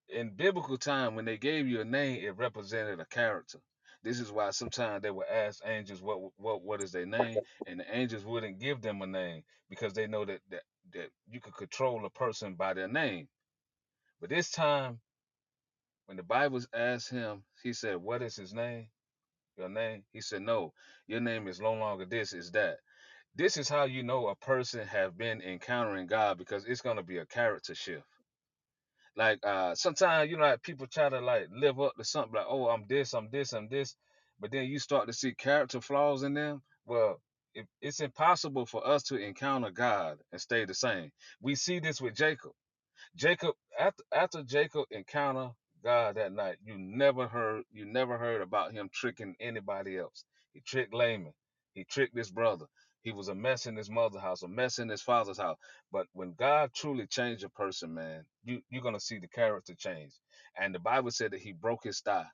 E: in biblical time, when they gave you a name, it represented a character. This is why sometimes they would ask angels what what what is their name, and the angels wouldn't give them a name because they know that that, that you could control a person by their name But this time, when the Bible asked him, he said, What is his name? Your name? He said, No, your name is no longer this, is that. This is how you know a person have been encountering God because it's gonna be a character shift. Like uh sometimes you know like people try to like live up to something like, oh, I'm this, I'm this, I'm this, but then you start to see character flaws in them. Well, it, it's impossible for us to encounter God and stay the same. We see this with Jacob Jacob after after Jacob encounter God that night, you never heard you never heard about him tricking anybody else. He tricked Laman. He tricked his brother. He was a mess in his mother's house, a mess in his father's house. But when God truly changed a person, man, you you're gonna see the character change. And the Bible said that he broke his thigh.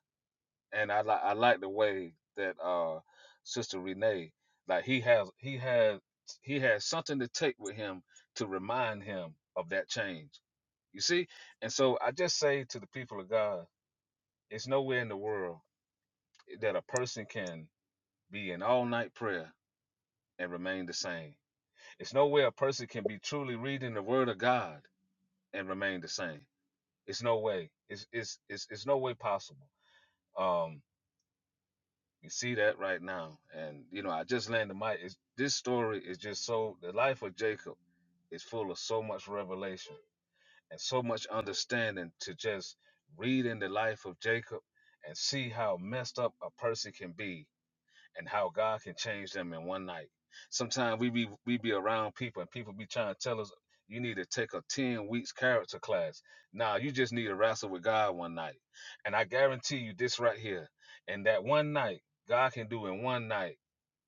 E: And I like I like the way that uh Sister Renee, like he has he has he has something to take with him to remind him of that change you see? And so I just say to the people of God, it's nowhere in the world that a person can be in all night prayer and remain the same. It's no way a person can be truly reading the word of God and remain the same. It's no way. It's it's it's, it's no way possible. Um you see that right now. And you know, I just landed my it's, this story is just so the life of Jacob is full of so much revelation and so much understanding to just read in the life of Jacob and see how messed up a person can be and how God can change them in one night. Sometimes we be we be around people and people be trying to tell us you need to take a 10 weeks character class. Nah, you just need to wrestle with God one night. And I guarantee you this right here. in that one night, God can do in one night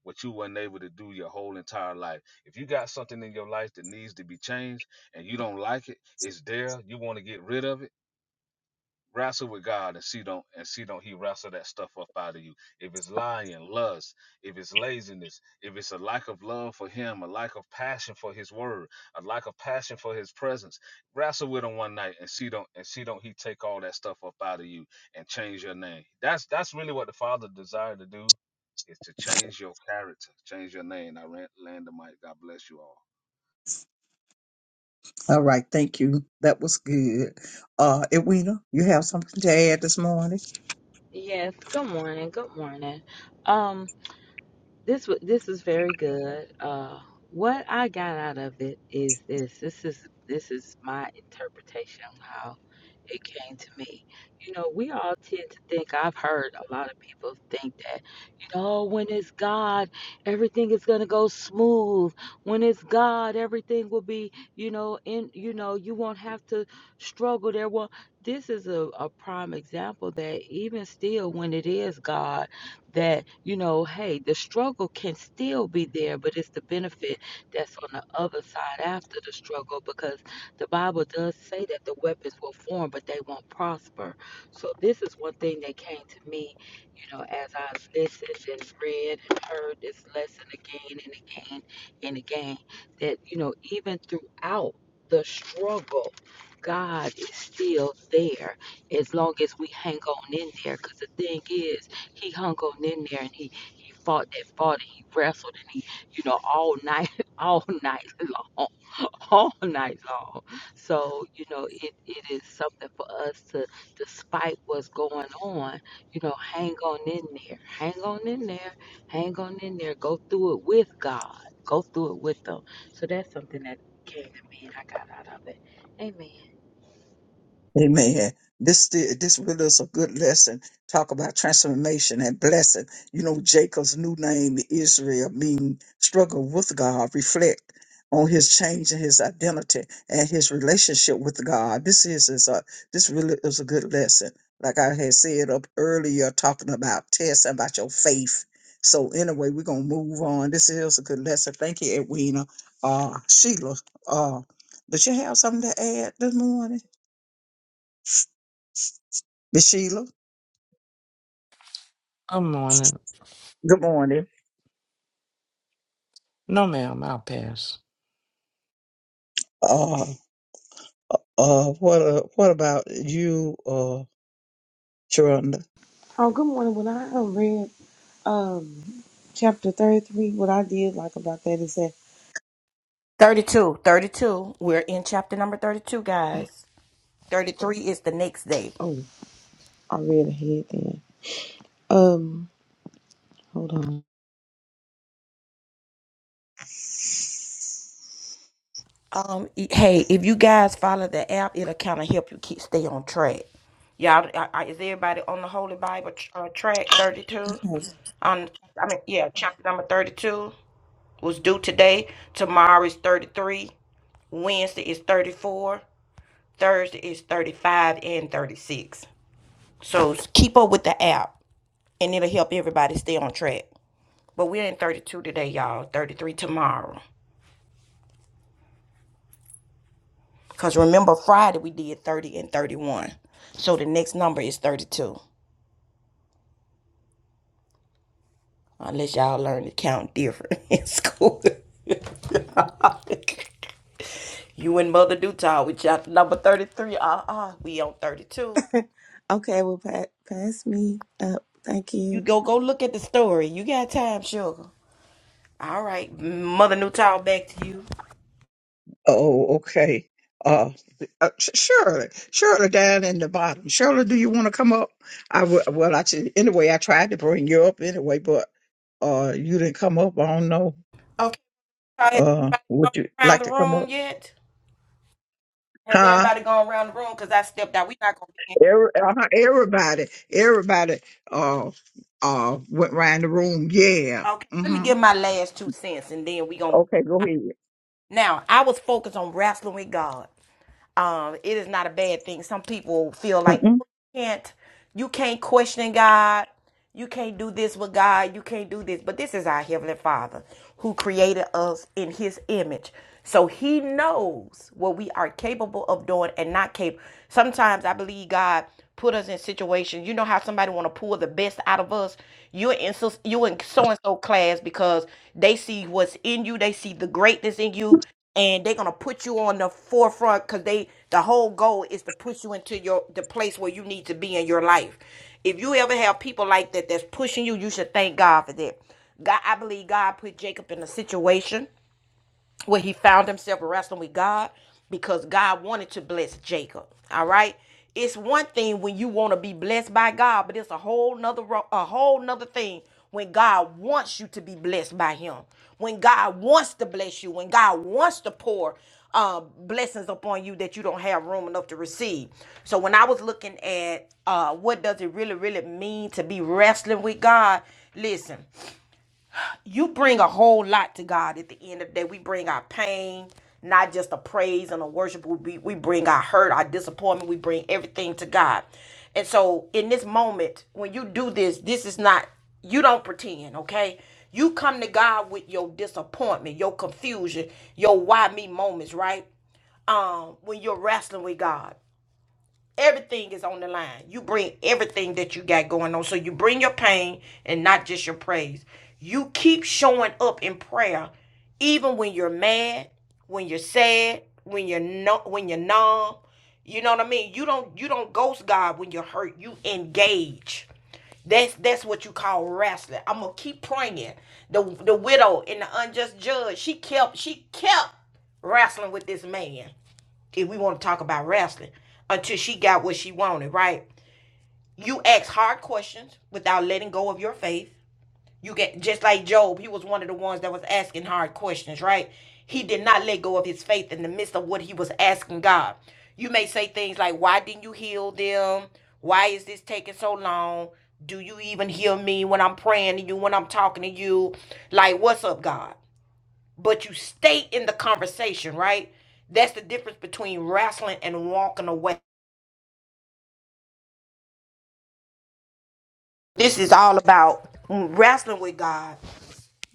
E: what you weren't able to do your whole entire life. If you got something in your life that needs to be changed and you don't like it, it's there, you want to get rid of it, Wrestle with God and see don't and see don't He wrestle that stuff up out of you. If it's lying, lust, if it's laziness, if it's a lack of love for Him, a lack of passion for His Word, a lack of passion for His presence, wrestle with Him one night and see don't and see don't He take all that stuff up out of you and change your name. That's that's really what the Father desired to do, is to change your character, change your name. I ran, land the mic. God bless you all.
D: All right, thank you. That was good. Uh, Edwina, you have something to add this morning?
B: Yes, good morning, good morning. Um, this wa- this is very good. Uh, what I got out of it is this. This is this is my interpretation it came to me. You know, we all tend to think, I've heard a lot of people think that, you know, "Oh, when it's God, everything is going to go smooth. When it's God, everything will be, you know, in, you know, you won't have to struggle there. Well, this is a, a prime example that even still, when it is God, that, you know, hey, the struggle can still be there, but it's the benefit that's on the other side after the struggle because the Bible does say that the weapons will form, but they won't prosper. So this is one thing that came to me, you know, as I listened and read and heard this lesson again and again and again, that, you know, even throughout the struggle, God is still there as long as we hang on in there. Because the thing is, He hung on in there and He he fought that fought and he wrestled and he, you know, all night, all night long all night long. So, you know, it, it is something for us to, despite what's going on, you know, hang on in there, hang on in there, hang on in there, go through it with God, go through it with them. So that's something that came to me and I got out of it. Amen.
D: Amen. This this really is a good lesson. Talk about transformation and blessing. You know, Jacob's new name, Israel, mean struggle with God. Reflect on his change in his identity and his relationship with God. This is, is a this really is a good lesson. Like I had said up earlier, talking about tests about your faith. So anyway, we're gonna move on. This is a good lesson. Thank you, Edwina. Uh, Sheila. Uh, did you have something to add this morning? Miss Sheila,
F: Good morning.
D: good morning.
F: No, ma'am, I'll pass.
D: Uh, uh, what, uh, what about you, uh, Sharonda?
G: Oh, good morning. When I um, read um chapter thirty three, what I did like about that is that
A: thirty-two, thirty-two. We're in chapter number 32, guys. 33 is the next day.
G: oh, I read ahead then. Um, hold on.
A: Um, e- hey, if you guys follow the app, it'll kind of help you keep stay on track. Y'all, I, I, is everybody on the Holy Bible tr- uh, track thirty-two? On, I mean, yeah, chapter number thirty-two was due today. Tomorrow is thirty-three. Wednesday is thirty-four. Thursday is thirty-five and thirty-six. So s- keep up with the app, and it'll help everybody stay on track. But we're in thirty-two today, y'all. Thirty-three tomorrow. Because remember, Friday we did 30 and 31. So the next number is 32. Unless y'all learn to count different in school. you and Mother Dutal, we chapter number 33. Uh uh, we on 32.
G: Okay, well, pa- pass me up. Thank
A: You
G: you.
A: go go look at the story. You got time, sugar. All right, Mother Newtown, back to you.
D: Oh, okay. Uh, uh, Sh- Shirley, Shirley down in the bottom. Shirley, do you want to come up? I w- well, I should, anyway, I tried to bring you up anyway, but, uh, you didn't come up. I don't know.
A: Okay, so has everybody
D: Uh,
A: gone
D: would you
A: around
D: like
A: the
D: to come
A: room
D: up?
A: yet? Has
D: Huh?
A: everybody gone around the room? Because I stepped out. we not going to be in.
D: Every, uh, everybody, everybody, uh, uh, went round the room. Yeah.
A: Okay, let me
D: Mm-hmm.
A: give my last two cents and then we going to
D: Okay, go ahead.
A: Now, I was focused on wrestling with God. Um, it is not a bad thing. Some people feel like
D: Mm-mm.
A: "Oh, you can't you can't question God. You can't do this with God. You can't do this. But this is our heavenly Father who created us in His image. So He knows what we are capable of doing and not capable. Sometimes I believe God put us in situations. You know how somebody want to pull the best out of us. You're in so you in so and so class because they see what's in you. They see the greatness in you and they're gonna put you on the forefront because they the whole goal is to push you into your the place where you need to be in your life. If you ever have people like that that's pushing you, you should thank God for that. God, I believe God put Jacob in a situation where he found himself wrestling with God because God wanted to bless Jacob. All right. It's one thing when you want to be blessed by God, but it's a whole nother ro- a whole nother thing when God wants you to be blessed by him. When God wants to bless you, when God wants to pour uh, blessings upon you that you don't have room enough to receive. So when I was looking at uh, what does it really, really mean to be wrestling with God, listen, you bring a whole lot to God at the end of the day. We bring our pain, not just a praise and a worship. We, we bring our hurt, our disappointment. We bring everything to God. And so in this moment, when you do this, this is not, you don't pretend, okay? You come to God with your disappointment, your confusion, your why me moments, right? Um, when you're wrestling with God. Everything is on the line. You bring everything that you got going on. So you bring your pain and not just your praise. You keep showing up in prayer, even when you're mad, when you're sad, when you're not, when you're numb. You know what I mean? You don't you don't ghost God when you're hurt. You engage. That's that's what you call wrestling. I'm gonna keep praying. The the widow and the unjust judge. She kept she kept wrestling with this man if we want to talk about wrestling, until she got what she wanted, right? You ask hard questions without letting go of your faith. You get just like Job, he was one of the ones that was asking hard questions, right? He did not let go of his faith in the midst of what he was asking God. You may say things like, Why didn't you heal them? Why is this taking so long? Do you even hear me when I'm praying to you, when I'm talking to you? Like, what's up, God? but you stay in the conversation, right? That's the difference between wrestling and walking away. This is all about wrestling with God.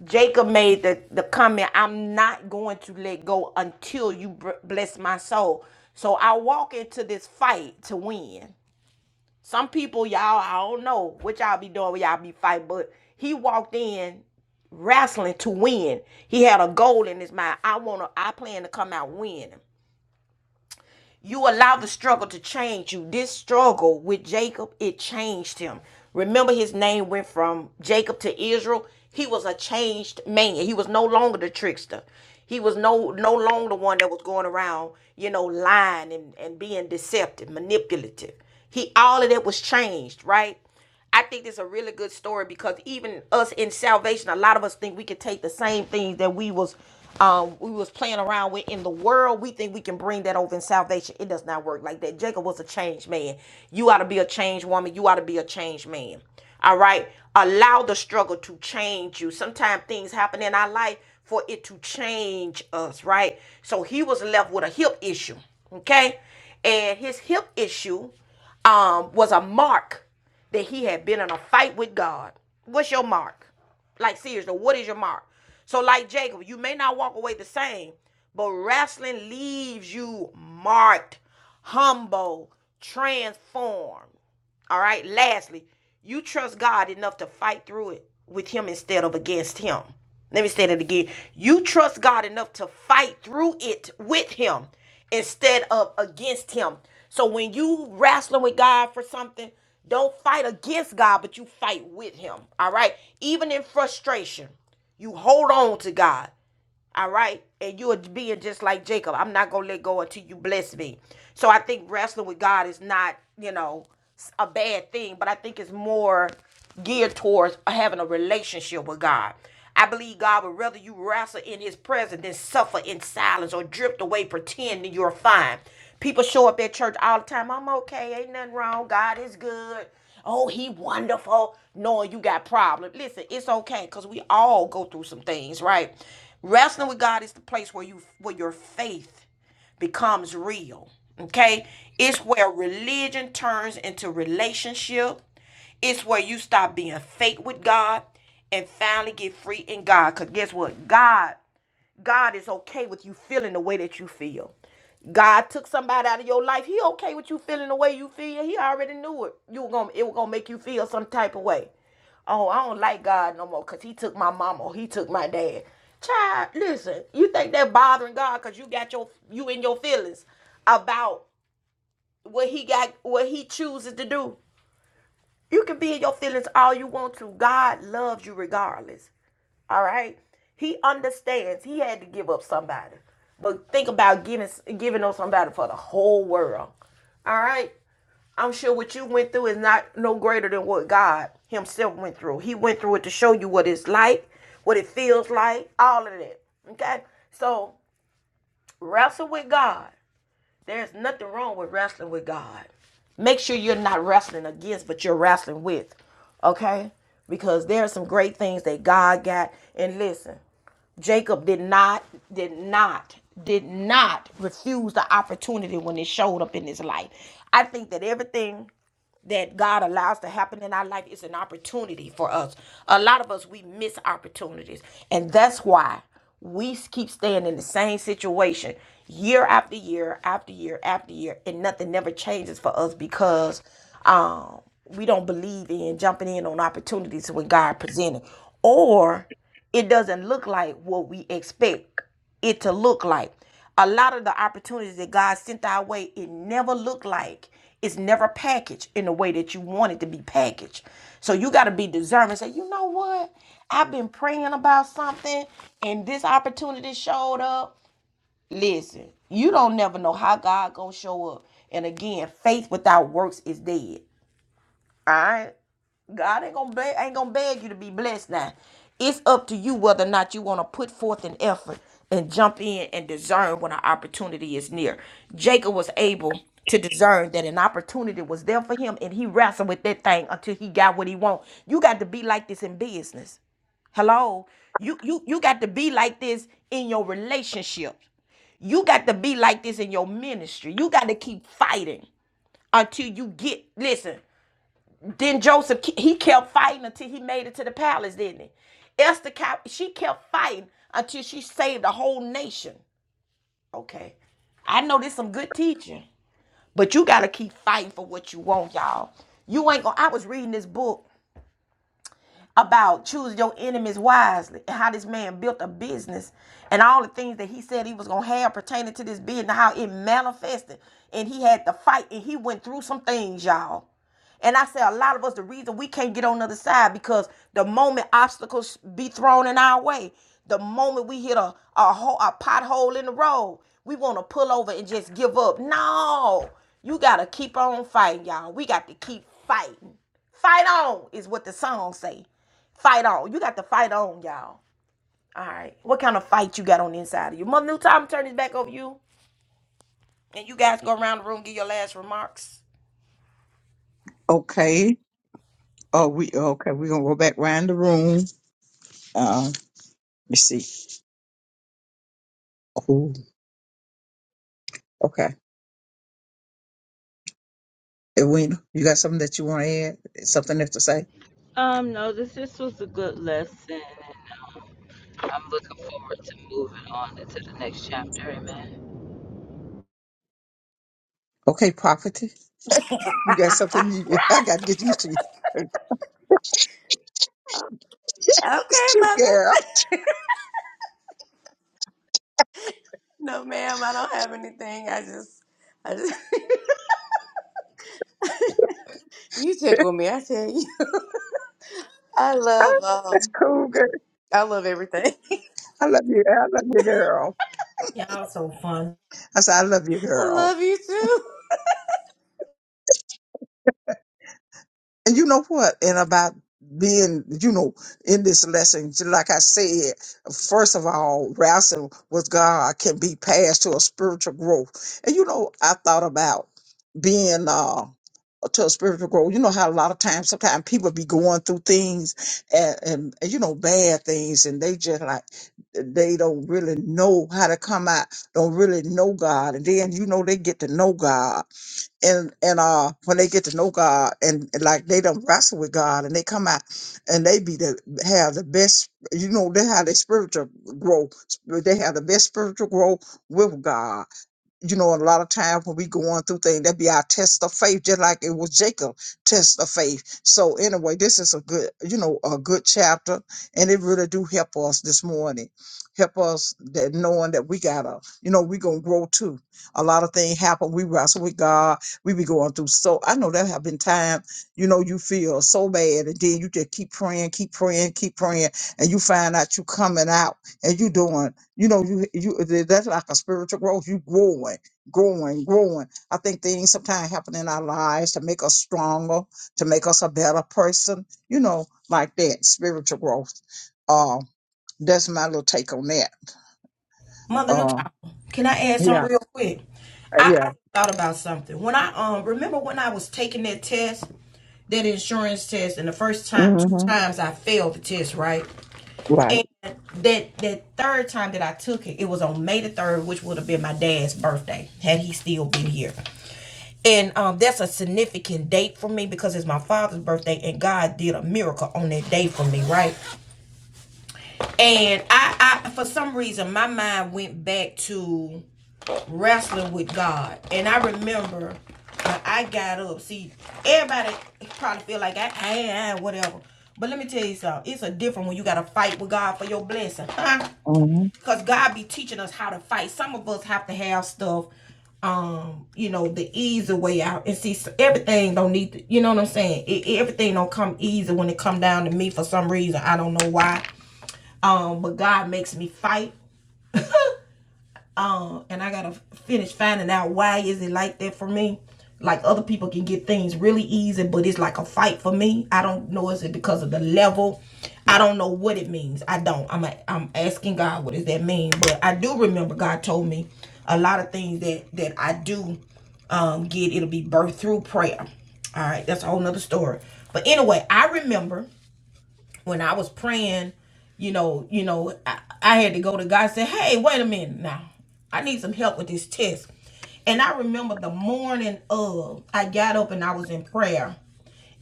A: Jacob made the, the comment, I'm not going to let go until you br- bless my soul. So I walk into this fight to win. Some people, y'all, I don't know what y'all be doing when y'all be fight, but he walked in wrestling to win. He had a goal in his mind. I wanna, I plan to come out winning. You allow the struggle to change you. This struggle with Jacob, it changed him. Remember, his name went from Jacob to Israel. He was a changed man. He was no longer the trickster. He was no no longer the one that was going around, you know, lying and, and being deceptive, manipulative. He all of that was changed, right? I think this is a really good story because even us in salvation, a lot of us think we can take the same things that we was um, we was playing around with in the world. We think we can bring that over in salvation. It does not work like that. Jacob was a changed man. You ought to be a changed woman. You ought to be a changed man. All right. Allow the struggle to change you. Sometimes things happen in our life for it to change us, right? So he was left with a hip issue. Okay. And his hip issue um was a mark that he had been in a fight with God. What's your mark? Like seriously, what is your mark? So like Jacob, you may not walk away the same, but wrestling leaves you marked, humble, transformed. All right. Lastly, you trust God enough to fight through it with Him instead of against Him. Let me say that again. You trust God enough to fight through it with Him instead of against Him. So when you wrestling with God for something, don't fight against God, but you fight with Him. All right. Even in frustration, you hold on to God. All right. And you are being just like Jacob. I'm not going to let go until you bless me. So I think wrestling with God is not, you know, a bad thing, but I think it's more geared towards having a relationship with God. I believe God would rather you wrestle in his presence than suffer in silence or drift away pretending you're fine. People show up at church all the time. I'm okay. Ain't nothing wrong. God is good. Oh, he wonderful. Knowing you got problem. Listen, it's okay because we all go through some things, right? Wrestling with God is the place where you where your faith becomes real. Okay? It's where religion turns into relationship. It's where you stop being fake with God and finally get free in God. Because guess what? God God is okay with you feeling the way that you feel. God took somebody out of your life. He okay with you feeling the way you feel. He already knew it. You were gonna it was gonna make you feel some type of way. Oh, I don't like God no more because he took my mama or he took my dad. Child, listen, you think that bothering God because you got your you in your feelings about what he got what he chooses to do. You can be in your feelings all you want to. God loves you regardless. All right. He understands. He had to give up somebody. But think about giving giving up somebody for the whole world. All right. I'm sure what you went through is not no greater than what God Himself went through. He went through it to show you what it's like, what it feels like, all of that. Okay? So wrestle with God. There's nothing wrong with wrestling with God. Make sure you're not wrestling against, but you're wrestling with. Okay? Because there are some great things that God got. And listen, Jacob did not, did not, did not refuse the opportunity when it showed up in his life. I think that everything that God allows to happen in our life is an opportunity for us. A lot of us we miss opportunities, and that's why we s- keep staying in the same situation year after year after year after year, and nothing never changes for us because um, we don't believe in jumping in on opportunities when God presented, or it doesn't look like what we expect it to look like a lot of the opportunities that God sent our way, it never looked like it's never packaged in the way that you want it to be packaged. So you got to be discerning. and Say, you know what? I've been praying about something, and this opportunity showed up. Listen, you don't never know how God gonna show up. And again, faith without works is dead. All right. God ain't gonna beg, ain't gonna beg you to be blessed now. It's up to you whether or not you want to put forth an effort and jump in and discern when an opportunity is near. Jacob was able to discern that an opportunity was there for him and he wrestled with that thing until he got what he wanted. You got to be like this in business. Hello. You you you got to be like this in your relationships. You got to be like this in your ministry. You got to keep fighting until you get listen. Then Joseph, he kept fighting until he made it to the palace, didn't he? Esther, she kept fighting until she saved a whole nation. Okay. I know there's some good teaching, but you got to keep fighting for what you want, y'all. You ain't going to I was reading this book about choosing your enemies wisely and how this man built a business and all the things that he said he was going to have pertaining to this business, how it manifested. And he had to fight and he went through some things, y'all. And I say a lot of us, the reason we can't get on the other side because the moment obstacles be thrown in our way, the moment we hit a a, hole, a pothole in the road, we want to pull over and just give up. No, you gotta keep on fighting, y'all. We got to keep fighting. Fight on is what the song say. Fight on. You got to fight on, y'all. All right. What kind of fight you got on the inside of you? Mother New Time, turn this back over to you. And you guys go around the room, give your last remarks.
D: Okay. Oh, we okay. We're gonna go back round the room. Uh, let me see. Oh, okay. Edwina, you got something that you want to add? Something else to say?
B: Um, no, this this was a good lesson and I'm looking forward to moving on into the next chapter, amen.
D: Okay, property. You got something?
C: Ah,
D: You, I got to get used to you. it's
C: okay
D: cute,
C: mother
D: girl.
C: No, ma'am, I don't have anything. I just, I just, you tickle me. I tell you, I love,
D: That's
C: um,
D: cool, girl.
C: I love everything.
D: I love you. I love you, girl.
A: Also,
D: I said, I love you,
C: I
D: girl.
C: love you too.
D: And you know what? And about being, you know, in this lesson, j- like I said, first of all, wrestling with God can be passed to a spiritual growth. And you know, I thought about being uh to a spiritual growth. You know how a lot of times sometimes people be going through things and, and, and you know, bad things and they just like they don't really know how to come out, don't really know God. And then you know they get to know God and and uh when they get to know God and, and like they don't wrestle with God and they come out and they be the have the best you know they have the spiritual growth they have the best spiritual growth with God you know, a lot of times when we going through things, that be our test of faith, just like it was Jacob' test of faith. So anyway, this is a good, you know, a good chapter, and it really do help us this morning. Help us that knowing that we gotta, you know, we gonna grow too. A lot of things happen. We wrestle with God. We be going through so. I know there have been times, you know, you feel so bad, and then you just keep praying, keep praying, keep praying, and you find out you coming out and you doing. You know, you you that's like a spiritual growth. You growing, growing, growing. I think things sometimes happen in our lives to make us stronger, to make us a better person. You know, like that spiritual growth. Uh, that's my little take on that.
A: Mother
D: Uh,
A: Newtown, can I add
D: yeah,
A: something real quick?
D: uh,
A: I,
D: yeah.
A: I thought about something. When I um remember when I was taking that test, that insurance test, and the first time two
D: hmm
A: times I failed the test, right?
D: Right.
A: that that third time that I took it, it was on May the third, which would have been my dad's birthday had he still been here. And um, that's a significant date for me because it's my father's birthday, and God did a miracle on that day for me, right? And I, I for some reason, my mind went back to wrestling with God, and I remember when I got up. See, everybody probably feel like I, I, I whatever, but let me tell you something. It's a different when you got to fight with God for your blessing, huh?
D: Mm-hmm.
A: because God be teaching us how to fight. Some of us have to have stuff, um, you know, the easy way out. And see, everything don't need, to, you know what I'm saying? it- everything don't come easy when it come down to me for some reason. I don't know why. Um, but God makes me fight. Um, and I gotta finish finding out why is it like that for me. Like other people can get things really easy, but it's like a fight for me. I don't know is it because of the level. I don't know what it means. I don't. I'm a, I'm asking God what does that mean. But I do remember God told me a lot of things that that I do um, get. It'll be birthed through prayer. All right, that's a whole nother story. But anyway, I remember when I was praying, you know, you know, I, I had to go to God and say, "Hey, wait a minute now. I need some help with this test." And I remember the morning of, I got up and I was in prayer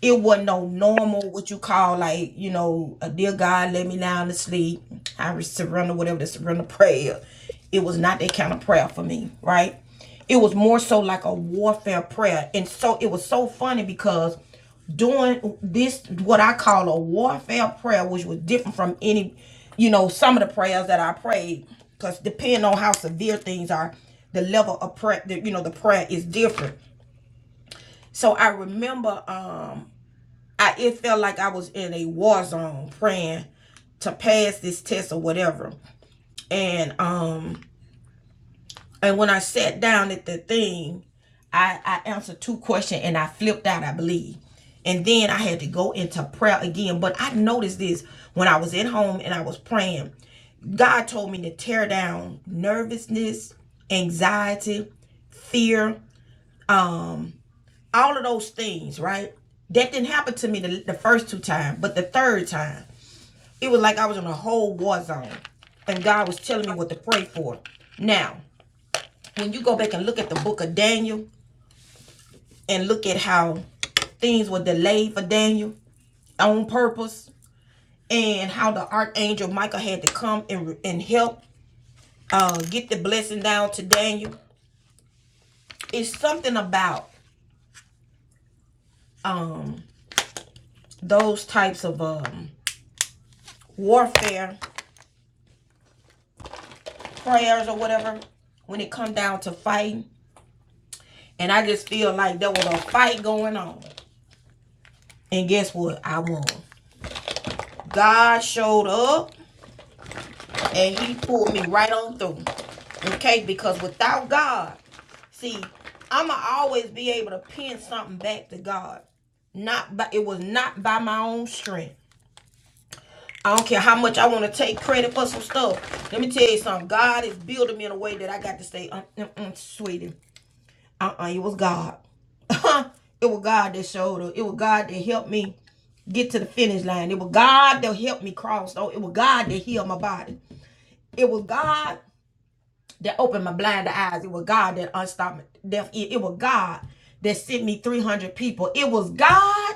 A: it wasn't no normal what you call like you know a dear god let me down to sleep i surrender whatever the surrender prayer it was not that kind of prayer for me right it was more so like a warfare prayer and so it was so funny because doing this what i call a warfare prayer which was different from any you know some of the prayers that i prayed because depending on how severe things are the level of prayer the, you know the prayer is different so i remember um I it felt like I was in a war zone praying to pass this test or whatever. And um and when I sat down at the thing, I, I answered two questions and I flipped out, I believe. And then I had to go into prayer again. But I noticed this when I was at home and I was praying. God told me to tear down nervousness, anxiety, fear. Um, all of those things, right? That didn't happen to me the, the first two times, but the third time, it was like I was in a whole war zone. And God was telling me what to pray for. Now, when you go back and look at the book of Daniel and look at how things were delayed for Daniel on purpose and how the archangel Michael had to come and, and help uh, get the blessing down to Daniel, it's something about um, those types of um, warfare prayers or whatever when it come down to fighting. And I just feel like there was a fight going on. And guess what? I won. God showed up and he pulled me right on through. Okay, because without God, see, I'ma always be able to pin something back to God. Not by it was not by my own strength. I don't care how much I want to take credit for some stuff. Let me tell you something. God is building me in a way that I got to say, uh, uh, uh, sweetie. uh-uh, it was God. it was God that showed up. It was God that helped me get to the finish line. It was God that helped me cross. Oh, it was God that healed my body. It was God that opened my blind eyes. It was God that unstopped my deaf ear. It was God that sent me 300 people. It was God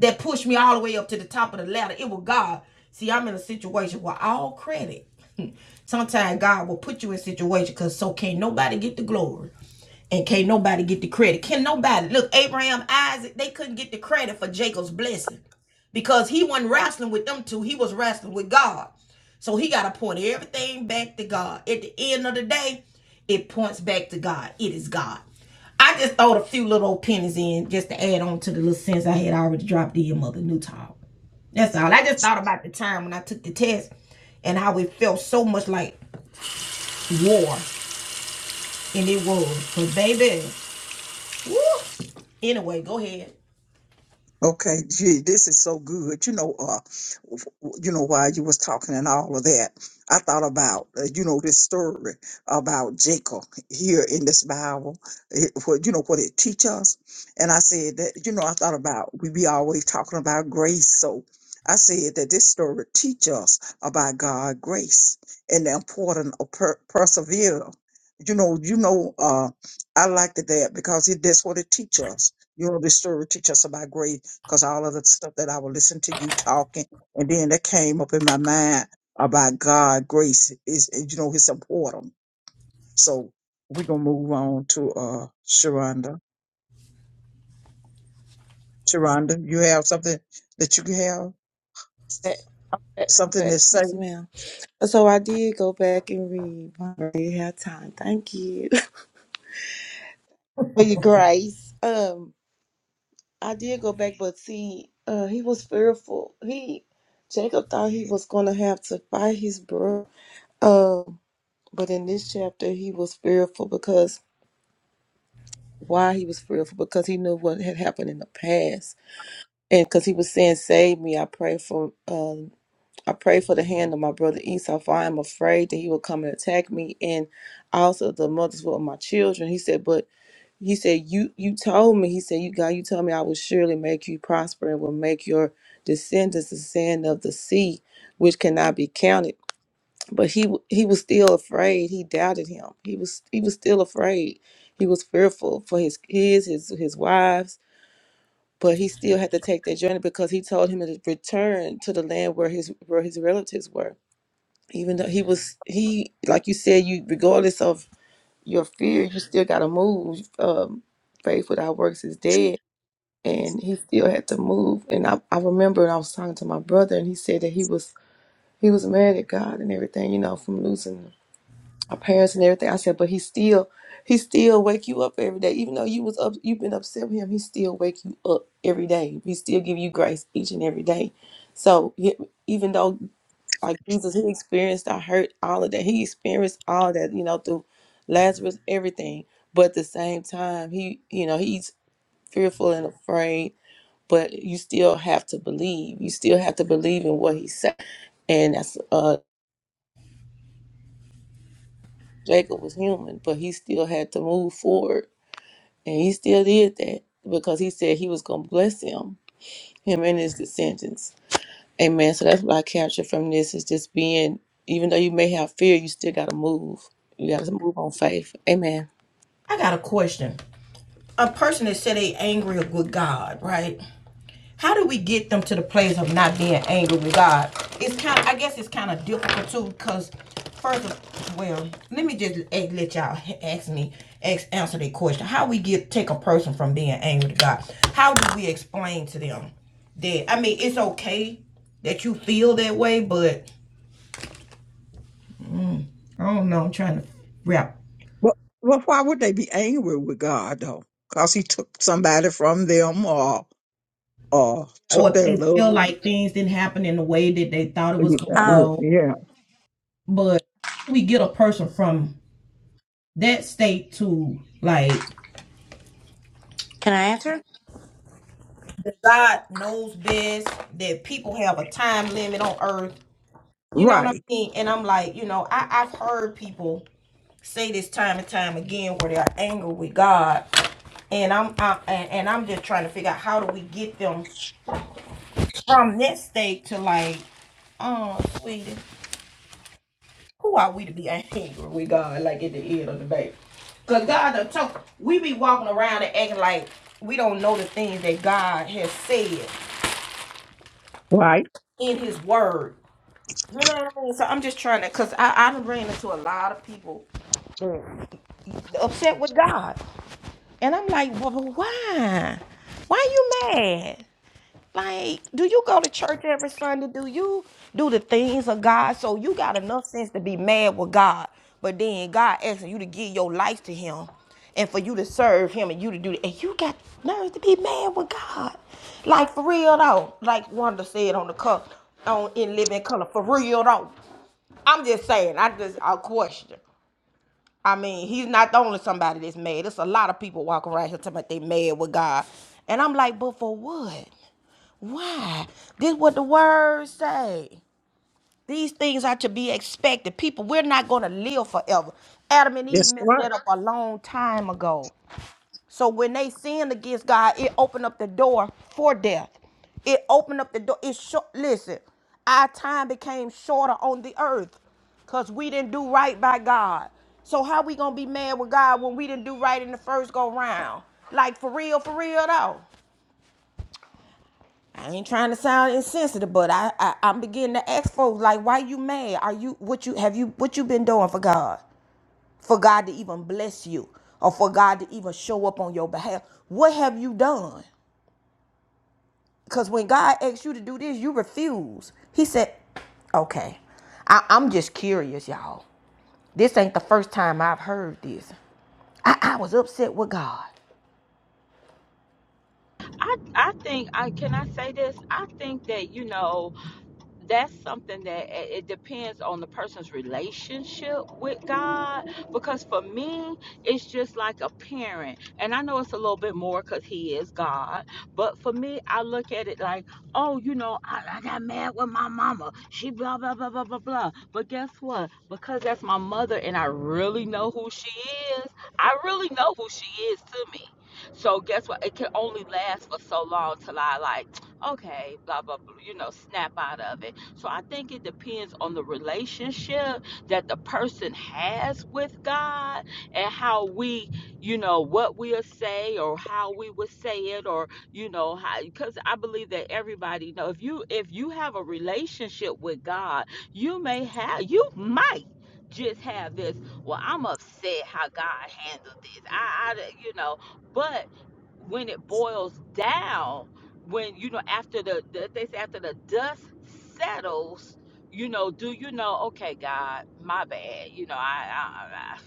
A: that pushed me all the way up to the top of the ladder. It was God. See, I'm in a situation where all credit. Sometimes God will put you in situations because so can't nobody get the glory. And can't nobody get the credit. Can nobody look Abraham, Isaac, they couldn't get the credit for Jacob's blessing because he wasn't wrestling with them two. He was wrestling with God. So he got to point everything back to God. At the end of the day, it points back to God. It is God. I just throwed a few little pennies in just to add on to the little sins I had already dropped in Mother Newtall. That's all. I just thought about the time when I took the test and how it felt so much like war. And it was. But baby, woo. anyway, go ahead.
D: Okay, gee, this is so good. You know, uh, w- w- you know, while you was talking and all of that, I thought about uh, you know this story about Jacob here in this Bible. It, what you know what it teach us, and I said that you know I thought about we be always talking about grace. So I said that this story teach us about God grace and the importance of per- persevere. You know, you know, uh, I liked it that because it, that's what it teach us. You know, this story teach us about grace because all of the stuff that I would listen to you talking, and then that came up in my mind about God grace is you know it's important. So we're gonna move on to uh Sharonda. Sharonda, you have something that you can have
G: But, but,
D: something
G: but-
D: to say.
G: yes, ma'am. So I did go back and read. I already have time. Thank you for your grace. Um, I did go back, but see, uh, he was fearful. He Jacob thought he was gonna have to fight his brother. But in this chapter, he was fearful because why he was fearful because he knew what had happened in the past, and because he was saying, "Save me, I pray for, um, I pray for the hand of my brother Esau, for I am afraid that he will come and attack me, and also the mothers of my children." He said, "But he said you you told me, he said you God, you told me I will surely make you prosper and will make your descendants the sand of the sea, which cannot be counted." but he w- he was still afraid he doubted him he was he was still afraid he was fearful for his kids his his wives but he still had to take that journey because he told him to return to the land where his where his relatives were even though he was he like you said you regardless of your fear you still got to move um faith without works is dead and he still had to move and I, I remember i was talking to my brother and he said that he was he was mad at god and everything you know from losing my parents and everything. I said, but he still, he still wake you up every day, even though you was up, you've been upset with him. He still wake you up every day. He still give you grace each and every day. So yeah, even though like Jesus, he experienced our hurt, all of that. He experienced all that, you know, through Lazarus, everything. But at the same time, he, you know, he's fearful and afraid. But you still have to believe. You still have to believe in what he said. And that's uh, Jacob was human, but he still had to move forward And he still did that because he said he was going to bless him, him and his descendants. Amen. So that's what I captured from this is just being, even though you may have fear, you still got to move. You got to move on faith. Amen.
A: I got a question. a person that said they angry with God, right? How do we get them to the place of not being angry with God? It's kind. of, I guess it's kind of difficult too, because first of well, let me just let y'all ask me ask, answer the question. How we get take a person from being angry to God? How do we explain to them that? I mean, it's okay that you feel that way, but I don't know. I'm trying to wrap.
D: Well, well, why would they be angry with God though? Because He took somebody from them or or
A: Or
D: took their
A: they
D: love.
A: feel like things didn't happen in the way that they thought it
D: Yeah,
A: was gonna
D: yeah,
C: Um,
A: go
D: yeah.
A: But how do we get a person from that state to like
C: can I answer?
A: that God knows best, that people have a time limit on earth. You know what
D: right,
A: I mean? And I'm like, you know, I, I've heard people say this time and time again where they're angry with God. And I'm I, and, and I'm just trying to figure out how do we get them from that state to like, oh sweetie. who are we to be angry with God like at the end of the day? Cause God done told we be walking around and acting like we don't know the things that God has said
D: right.
A: in his word. You know what I mean? So I'm just trying to cause I, I done ran into a lot of people upset with God. And I'm like, well, but why? Why you mad? Like, do you go to church every Sunday? Do you do the things of God? So you got enough sense to be mad with God, but then God asking you to give your life to Him, and for you to serve Him, and you to do, that, and you got nerve to be mad with God. Like for real though, like Wanda said on the cup on in living color. For real though, I'm just saying. I just I question. I mean, he's not the only somebody that's mad. There's a lot of people walking around here talking about they mad with God. And I'm like, but for what? Why? This what the words say. These things are to be expected. People, we're not gonna live forever. Adam and Eve
D: That's
A: messed
D: right.
A: that up a long time ago. So when they sinned against God, it opened up the door for death. It opened up the door. It short. Listen, our time became shorter on the earth because we didn't do right by God. So how we gonna be mad with God when we didn't do right in the first go round? Like for real, for real though. I ain't trying to sound insensitive, but I, I I'm beginning to ask folks like, why you mad? Are you what you have you what you been doing for God? For God to even bless you, or for God to even show up on your behalf? What have you done? Because when God asks you to do this, you refuse. He said, okay, I, I'm just curious, y'all. This ain't the first time I've heard this. I, I was upset with God.
B: I I think I can I say this? I think that, you know, that's something that it it depends on the person's relationship with God. Because for me, it's just like a parent, and I know it's a little bit more because He is God. But for me, I look at it like, oh, you know, I, I got mad with my mama. She blah blah blah blah blah blah. But guess what? Because that's my mother, and I really know who she is. I really know who she is to me. So guess what? It can only last for so long till I like okay, blah, blah, blah, you know, snap out of it. So I think it depends on the relationship that the person has with God and how we, you know, what we'll say or how we would say it or, you know, how, because I believe that everybody know if you, if you have a relationship with God, you may have, you might just have this, well, I'm upset how God handled this. I, I, you know, but when it boils down when you know after the, the they say after the dust settles you know do you know okay god my bad you know i I, I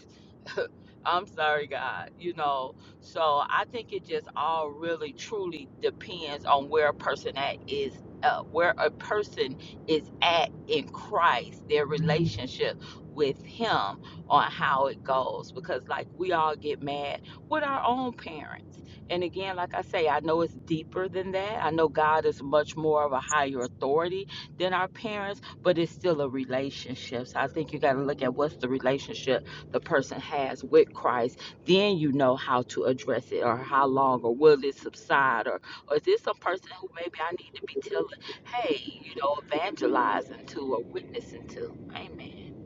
B: I'm sorry, God, you know. So I think it just all really truly depends on where a person at is uh, where a person is at in Christ, their relationship with him on how it goes. Because like we all get mad with our own parents. And again, like I say, I know it's deeper than that. I know God is much more of a higher authority than our parents, but it's still a relationship. So I think you gotta look at what's the relationship the person has with Christ, then you know how to address it or how long or will it subside or, or is this a person who maybe I need to be telling, hey, you know, evangelizing to or witnessing to? Amen.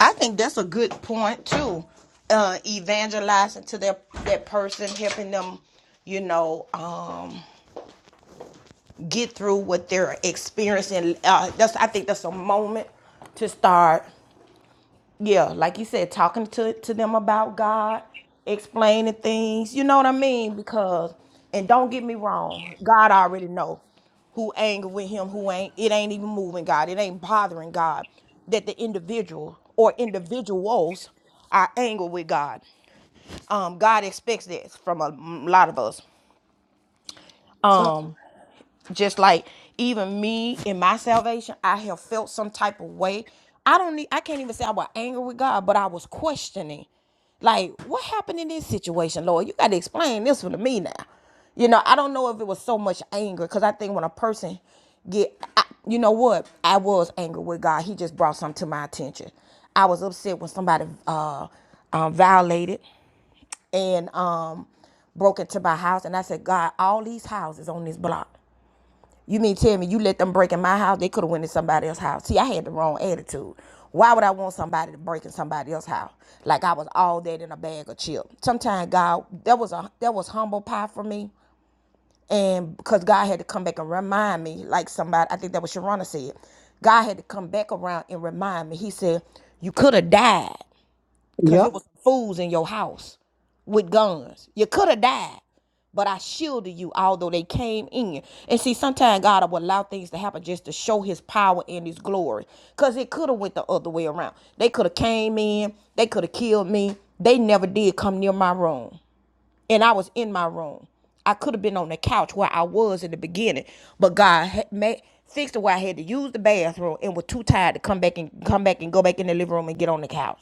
A: I think that's a good point too. Uh, evangelizing to that that person, helping them, you know, um, get through what they're experiencing. Uh, that's I think that's a moment to start. yeah, like you said, talking to to them about God, explaining things. You know what I mean? Because and don't get me wrong, God already know who angry with him, who ain't. It ain't even moving God. It ain't bothering God that the individual or individuals are angry with God. Um, God expects this from a lot of us.
C: So,
A: Um, just like even me in my salvation i have felt some type of way i don't need i can't even say i was angry with god but i was questioning like what happened in this situation lord you got to explain this one to me now you know i don't know if it was so much anger because i think when a person get I, you know what i was angry with god he just brought something to my attention i was upset when somebody uh um, violated and um broke into my house and i said god all these houses on this block you mean tell me you let them break in my house? They could have went in somebody else's house. See, I had the wrong attitude. Why would I want somebody to break in somebody else's house? Like I was all that in a bag of chips. Sometimes God, that was a that was humble pie for me, and because God had to come back and remind me, like somebody, I think that was Sharona said, God had to come back around and remind me. He said, "You could have died because
D: Yep.
A: it was fools in your house with guns. You could have died." but I shielded you, although they came in. And see, sometimes God will allow things to happen just to show His power and His glory, cause it could have went the other way around. They could have came in, they could have killed me. They never did come near my room and I was in my room. I could have been on the couch where I was in the beginning, but God ha- made fixed it where I had to use the bathroom and was too tired to come back and come back and go back in the living room and get on the couch.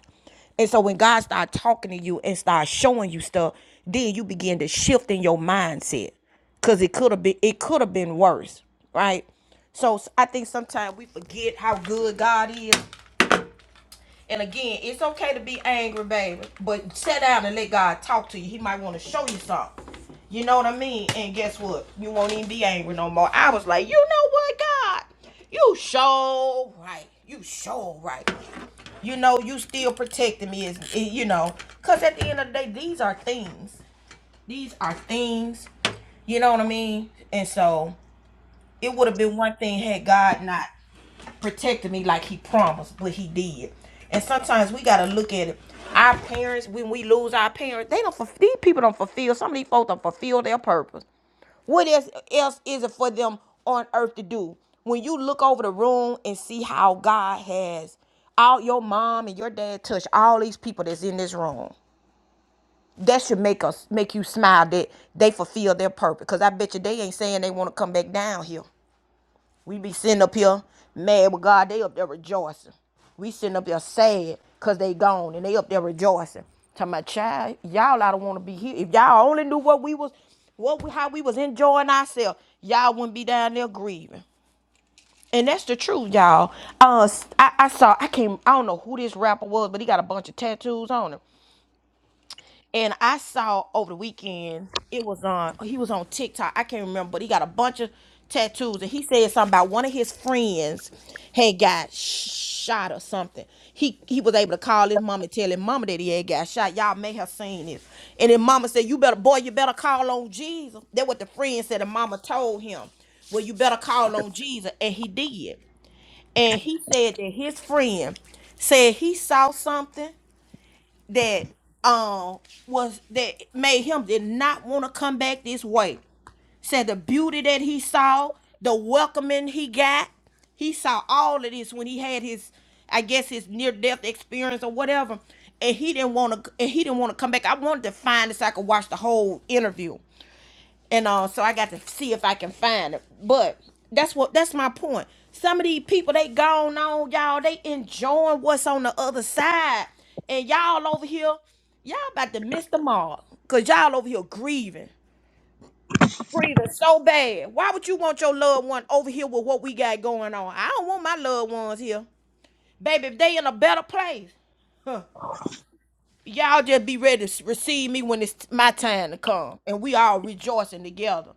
A: And so when God started talking to you and started showing you stuff, then you begin to shift in your mindset because it could have been it could have been worse, right? So I think sometimes we forget how good God is and again, it's okay to be angry, baby, but sit down and let God talk to you. He might want to show you something. You know what I mean? And guess what? You won't even be angry no more. I was like, you know what, God? You sure right. You sure right. You know, you still protecting me, as eh, you know, because at the end of the day, these are things. These are things. You know what I mean? And so it would have been one thing had God not protected me like he promised, but he did. And sometimes we gotta look at it. Our parents, when we lose our parents, they don't. fulf- These people don't fulfill. Some of these folks don't fulfill their purpose. What else, else is it for them on earth to do? When you look over the room and see how God has all your mom and your dad touch all these people that's in this room. That should make us make you smile that they fulfill their purpose. Cause I bet you they ain't saying they want to come back down here. We be sitting up here mad with God. They up there rejoicing. We sitting up there sad because they gone and they up there rejoicing. Talking about child, y'all I don't want to be here. If y'all only knew what we was, what we, how we was enjoying ourselves, y'all wouldn't be down there grieving. And that's the truth, y'all. Uh, I I saw I came. I don't know who this rapper was, but he got a bunch of tattoos on him. And I saw over the weekend, it was on, he was on TikTok. I can't remember, but he got a bunch of tattoos. And he said something about one of his friends had got sh- shot or something. He he was able to call his mama, and tell his mama that he had got shot. Y'all may have seen this. And then mama said, You better, boy, you better call on Jesus. That what the friend said, and mama told him, Well, you better call on Jesus. And he did. And he said that his friend said he saw something that um was that made him did not want to come back this way. Said the beauty that he saw, the welcoming he got, he saw all of this when he had his, I guess his near death experience or whatever, and he didn't want to and he didn't want to come back. I wanted to find this. so I could watch the whole interview and all. Uh, So I got to see if I can find it. But that's what that's my point. Some of these people they gone on, y'all. They enjoying what's on the other side, and y'all over here, y'all about to miss the mark, cause y'all over here grieving, grieving so bad. Why would you want your loved one over here with what we got going on? I don't want my loved ones here, baby. If they in a better place, huh? Y'all just be ready to s- receive me when it's my time to come, and we all rejoicing together.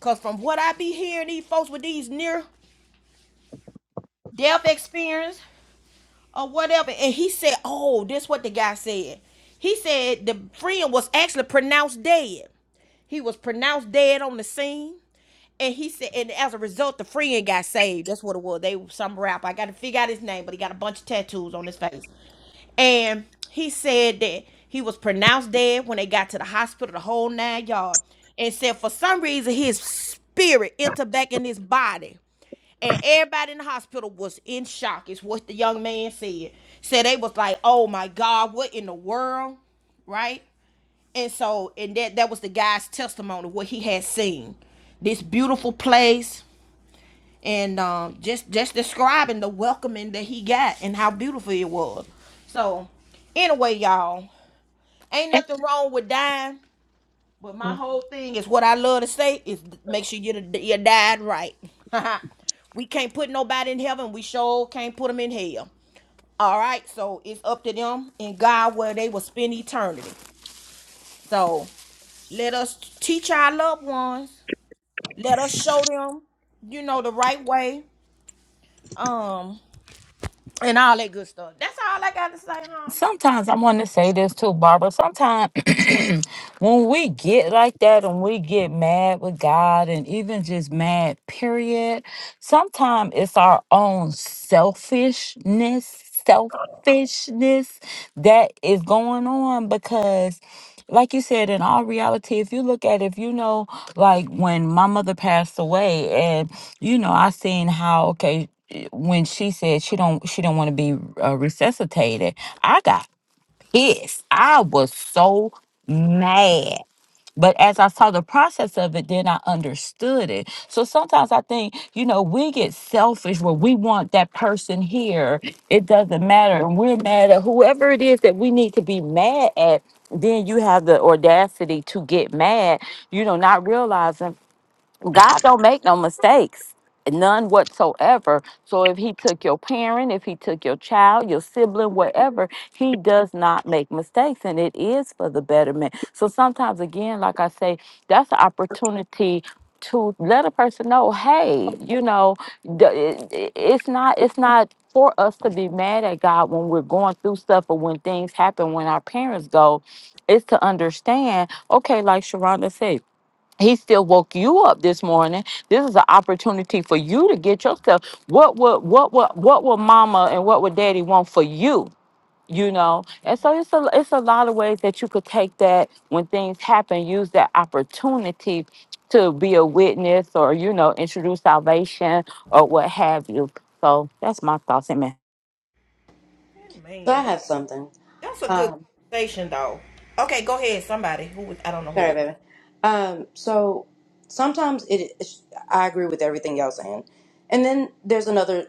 A: Cause from what I be hearing these folks with these near death experience or whatever, and he said, Oh, this what the guy said. He said the friend was actually pronounced dead. He was pronounced dead on the scene. And he said, and as a result, the friend got saved. That's what it was. They were some rap. I gotta figure out his name, but he got a bunch of tattoos on his face. And he said that he was pronounced dead when they got to the hospital, the whole nine yards, And said for some reason his spirit entered back in his body. and everybody in the hospital was in shock is what the young man said so they was like oh my god what in the world right and so and that that was the guy's testimony what he had seen this beautiful place and um, just just describing the welcoming that he got and how beautiful it was so anyway y'all ain't nothing wrong with dying but my whole thing is what I love to say is make sure you you died right. we can't put nobody in heaven. We sure can't put them in hell. All right, so it's up to them and God where they will spend eternity. So let us teach our loved ones. Let us show them, you know, the right way. Um, and all that good stuff. That's all I got to say, huh?
B: sometimes I want to say this too, Barbara. Sometimes when we get like that and we get mad with God and even just mad, period, sometimes it's our own selfishness, selfishness that is going on because. Like you said, in all reality, if you look at it, if you know, like when my mother passed away, and you know, I seen how okay, when she said she don't she don't want to be uh, resuscitated, I got pissed. I was so mad. But as I saw the process of it, then I understood it. So sometimes I think, you know, we get selfish where we want that person here. It doesn't matter. And we're mad at whoever it is that we need to be mad at. Then you have the audacity to get mad, you know, not realizing God don't make no mistakes, none whatsoever. So if he took your parent, if he took your child, your sibling, whatever, he does not make mistakes and it is for the betterment. So sometimes again, like I say, that's an opportunity to let a person know, hey, you know, d- it- it- it's not it's not for us to be mad at God when we're going through stuff or when things happen when our parents go. It's to understand, okay, like Sharonda said, he still woke you up this morning. This is an opportunity for you to get yourself. What would what would what would mama and what would daddy want for you? You know, and so it's a it's a lot of ways that you could take that when things happen. Use that opportunity to be a witness, or you know, introduce salvation or what have you. So that's my thoughts. Amen.
A: Hey,
C: so I
A: Man, that,
C: have something.
A: that's a good
C: Um,
A: conversation, though. Okay, go ahead. Somebody who I don't know who it
C: sorry,
A: is.
C: baby. Um, so sometimes it, it's- I agree with everything y'all saying, and then there's another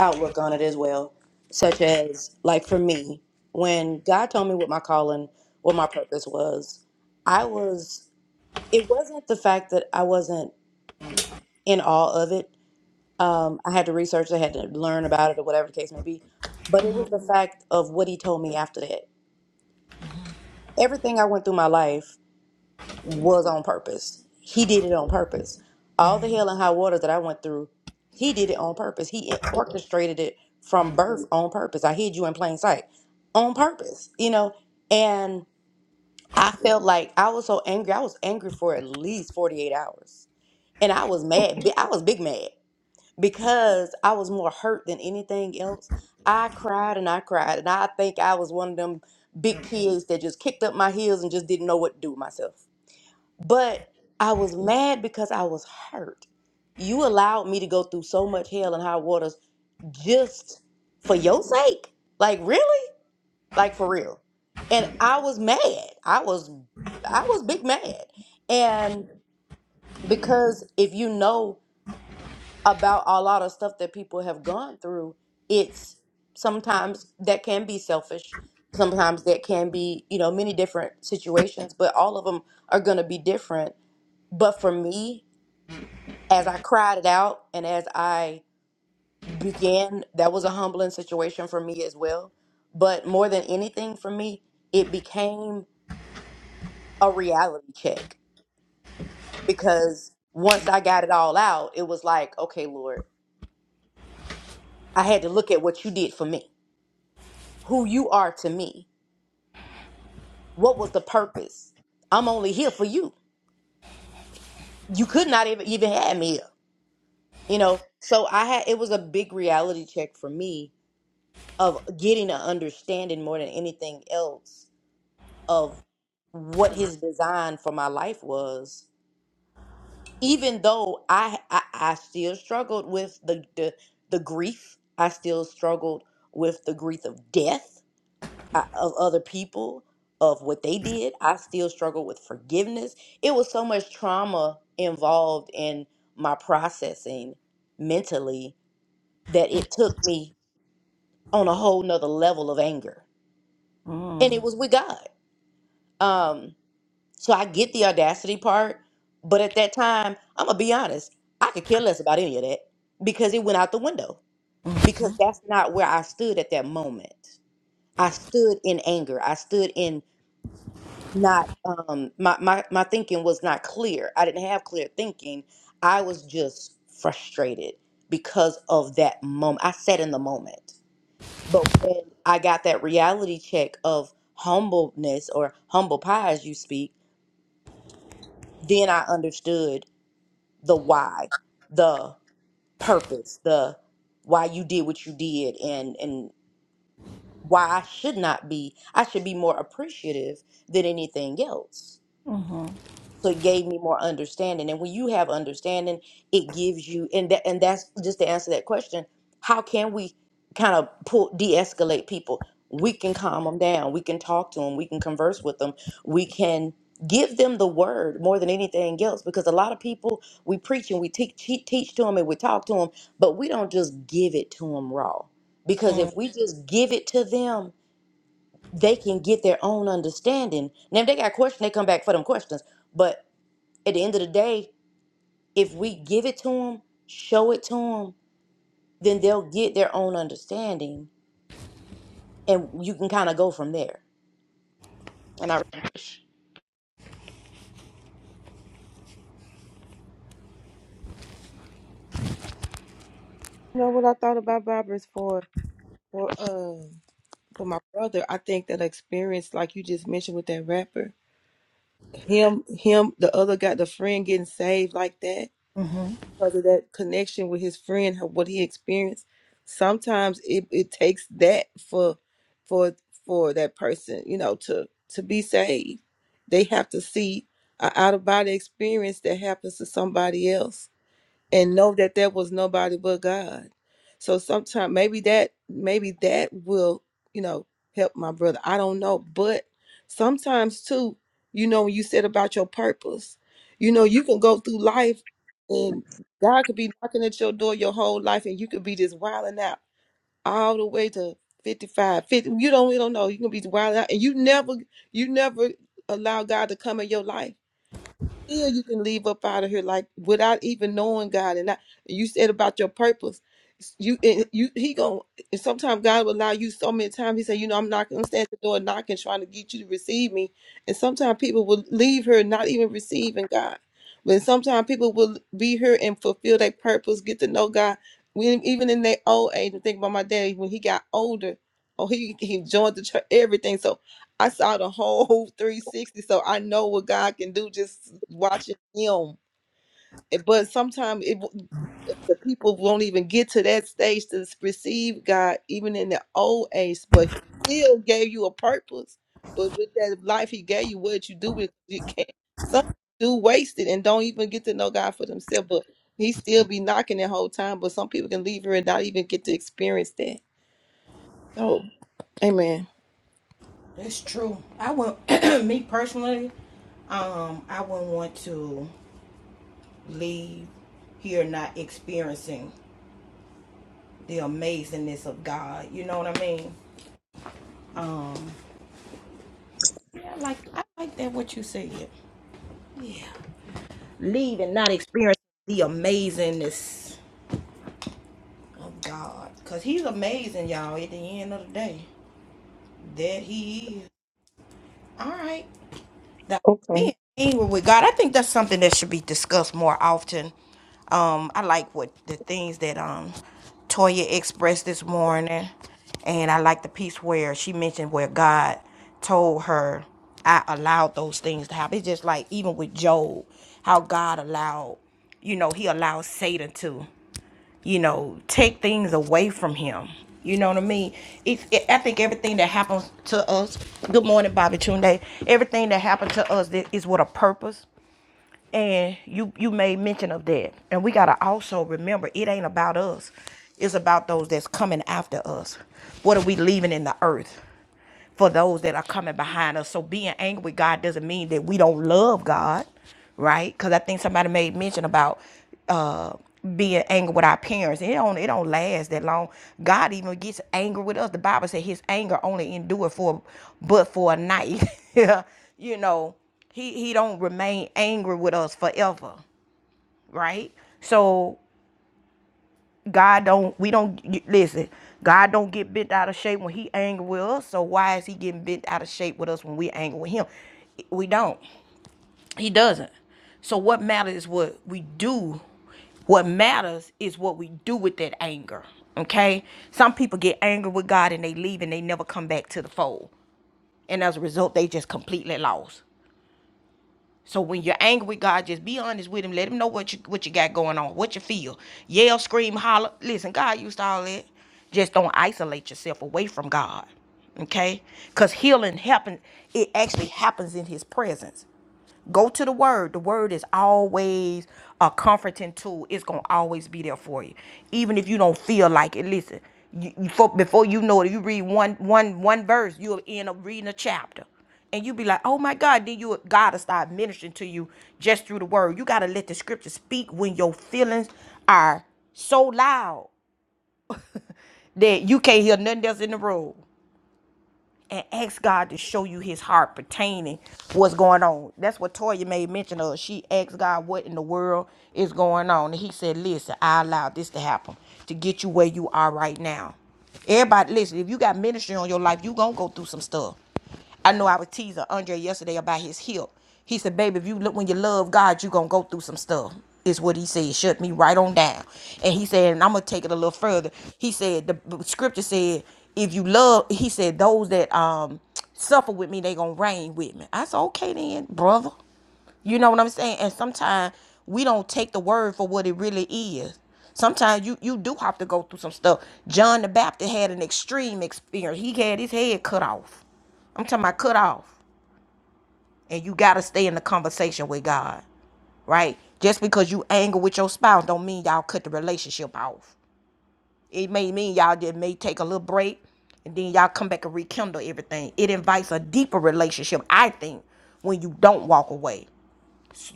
C: outlook on it as well, such as like for me, when God told me what my calling, what my purpose was, I was. It wasn't the fact that I wasn't in awe of it. Um, I had to research, I had to learn about it, or whatever the case may be. But it was the fact of what he told me after that. Everything I went through my life was on purpose. He did it on purpose. All the hell and high water that I went through, he did it on purpose. He orchestrated it from birth on purpose. I hid you in plain sight on purpose, you know? And I felt like I was so angry. I was angry for at least 48 hours. And I was mad. bi- I was big mad. because I was more hurt than anything else. I cried and I cried, and I think I was one of them big kids that just kicked up my heels and just didn't know what to do with myself. But I was mad because I was hurt. You allowed me to go through so much hell and high waters just for your sake. Like really? Like for real. And I was mad. I was I was big mad. And because if you know about a lot of stuff that people have gone through it's sometimes that can be selfish sometimes that can be you know many different situations but all of them are going to be different but for me as i cried it out and as i began that was a humbling situation for me as well but more than anything for me it became a reality check because once i got it all out it was like okay lord i had to look at what you did for me who you are to me What was the purpose? I'm only here for you. You could not even even have me here. You know, so I had it was a big reality check for me of getting an understanding more than anything else of what his design for my life was. Even though I I, I still struggled with the, the the grief, I still struggled with the grief of death I, of other people of what they did. I still struggle with forgiveness. It was so much trauma involved in my processing mentally that it took me on a whole nother level of anger. And
A: Mm,
C: it was with God. Um, so I get the audacity part, but at that time, I'm gonna be honest, I could care less about any of that because it went out the window. Because
A: mhm,
C: that's not where I stood at that moment. I stood in anger. I stood in not um my, my my thinking was not clear i didn't have clear thinking i was just frustrated because of that moment i sat in the moment but when i got that reality check of humbleness or humble pie as you speak then i understood the why the purpose the why you did what you did and and why i should not be i should be more appreciative than anything else so it gave me more understanding and when you have understanding it gives you and that and that's just to answer that question how can we kind of pull de-escalate people we can calm them down we can talk to them we can converse with them we can give them the word more than anything else because a lot of people we preach and we teach teach to them and we talk to them but we don't just give it to them raw because if
A: mm,
C: we just give it to them they can get their own understanding now if they got questions they come back for them questions but. At the end of the day, if we give it to them, show it to them, then they'll get their own understanding, and you can kind of go from there. And I
G: You know what I thought about Barbara's for for uh for my brother. I think that experience, like you just mentioned with that rapper, him him the other guy, the friend getting saved like that.
A: mhm.
G: because of that connection with his friend, how- what he experienced. Sometimes it, it takes that for for for that person, you know, to to be saved. They have to see a out of body experience that happens to somebody else and know that there was nobody but God. So sometimes maybe that maybe that will, you know, help my brother. I don't know, but sometimes too, you know, when you said about your purpose, you know, you can go through life and God could be knocking at your door your whole life and you could be just wilding out all the way to 55, 50. You don't you don't know. You can be wilding out and you never you never allow God to come in your life still you can leave up out of here like without even knowing God. And I, you said about your purpose. You and you he going sometimes God will allow you so many times. He said, you know, I'm knocking, I'm standing at the door knocking, trying to get you to receive me. And sometimes people will leave here not even receiving God. But sometimes people will be here and fulfill their purpose, get to know God. When even in their old age, and think about my daddy when he got older. Oh, he he joined the church, everything. So I saw the whole 360, so I know what God can do just watching Him. And- But sometimes it w- the people won't even get to that stage to s- receive God, even in the old age. But He still gave you a purpose. But with that life He gave you, what you do with it, you can't. Some do waste it and don't even get to know God for themselves. But He still be knocking the whole time. But some people can leave here and not even get to experience that. So, Amen.
A: That's true. I would, me personally, um, I wouldn't want to leave here not experiencing. the amazingness of God. You know what I mean? Um, yeah, I like I like that what you said. Leave and not experience the amazingness of God, cause He's amazing, y'all. At the end of the day, that He is. All right. the
D: Okay.
A: being angry with God, I think that's something that should be discussed more often. Um, I like what the things that um Toya expressed this morning, and I like the piece where she mentioned where God told her, "I allowed those things to happen." It's just like even with Job, how God allowed, you know, He allowed Satan to you know, take things away from him. You know what I mean? It's, it, I think everything that happens to us, good morning, Bobby Tunde, everything that happened to us that is with a purpose. And you, you made mention of that. And we got to also remember it ain't about us, it's about those that's coming after us. What are we leaving in the earth? for those that are coming behind us. So being angry with God doesn't mean that we don't love God, right? Because I think somebody made mention about uh, being angry with our parents. It don't it don't last that long. God even gets angry with us. The Bible said His anger only endured for but for a night. Yeah, you know, He He don't remain angry with us forever, right? So God don't we don't listen. God don't get bent out of shape when he angry with us. So why is he getting bent out of shape with us when we angry with him? We don't. He doesn't. So what matters is what we do. What matters is what we do with that anger. Okay? Some people get angry with God and they leave and they never come back to the fold. And as a result, they just completely lost. So when you're angry with God, just be honest with him. Let him know what you what you got going on, what you feel. Yell, scream, holler. Listen, God used to all that. Just don't isolate yourself away from God. Okay? Because healing happens, it actually happens in his presence. Go to the word. The word is always a comforting tool. It's gonna always be there for you, even if you don't feel like it. Listen, you, you fo- before you know it, you read one one one verse, you'll end up reading a chapter, and you be like, "Oh my God!" Then you God will start ministering to you just through the word. You gotta let the scripture speak when your feelings are so loud that you can't hear nothing else in the room and ask God to show you his heart pertaining what's going on. That's what Toya made mention of. She asked God what in the world is going on. And he said, Listen, I allowed this to happen to get you where you are right now. Everybody, listen, if you got ministry on your life, you gonna go through some stuff. I know I was teasing Andre yesterday about his hip. He said, "Baby, if you look when you love God, you gonna go through some stuff." Is what he said. Shut me right on down. And he said, and I'm gonna take it a little further. He said the scripture said, "If you love," he said, "those that um suffer with me, they gonna reign with me." I said, "Okay then, brother." You know what I'm saying? And sometimes we don't take the word for what it really is. Sometimes you you do have to go through some stuff. John the Baptist had an extreme experience. He had his head cut off. I'm talking about cut off. And you gotta stay in the conversation with God, right? Just because you angry with your spouse don't mean y'all cut the relationship off. It may mean y'all just may take a little break and then y'all come back and rekindle everything. It invites a deeper relationship, I think, when you don't walk away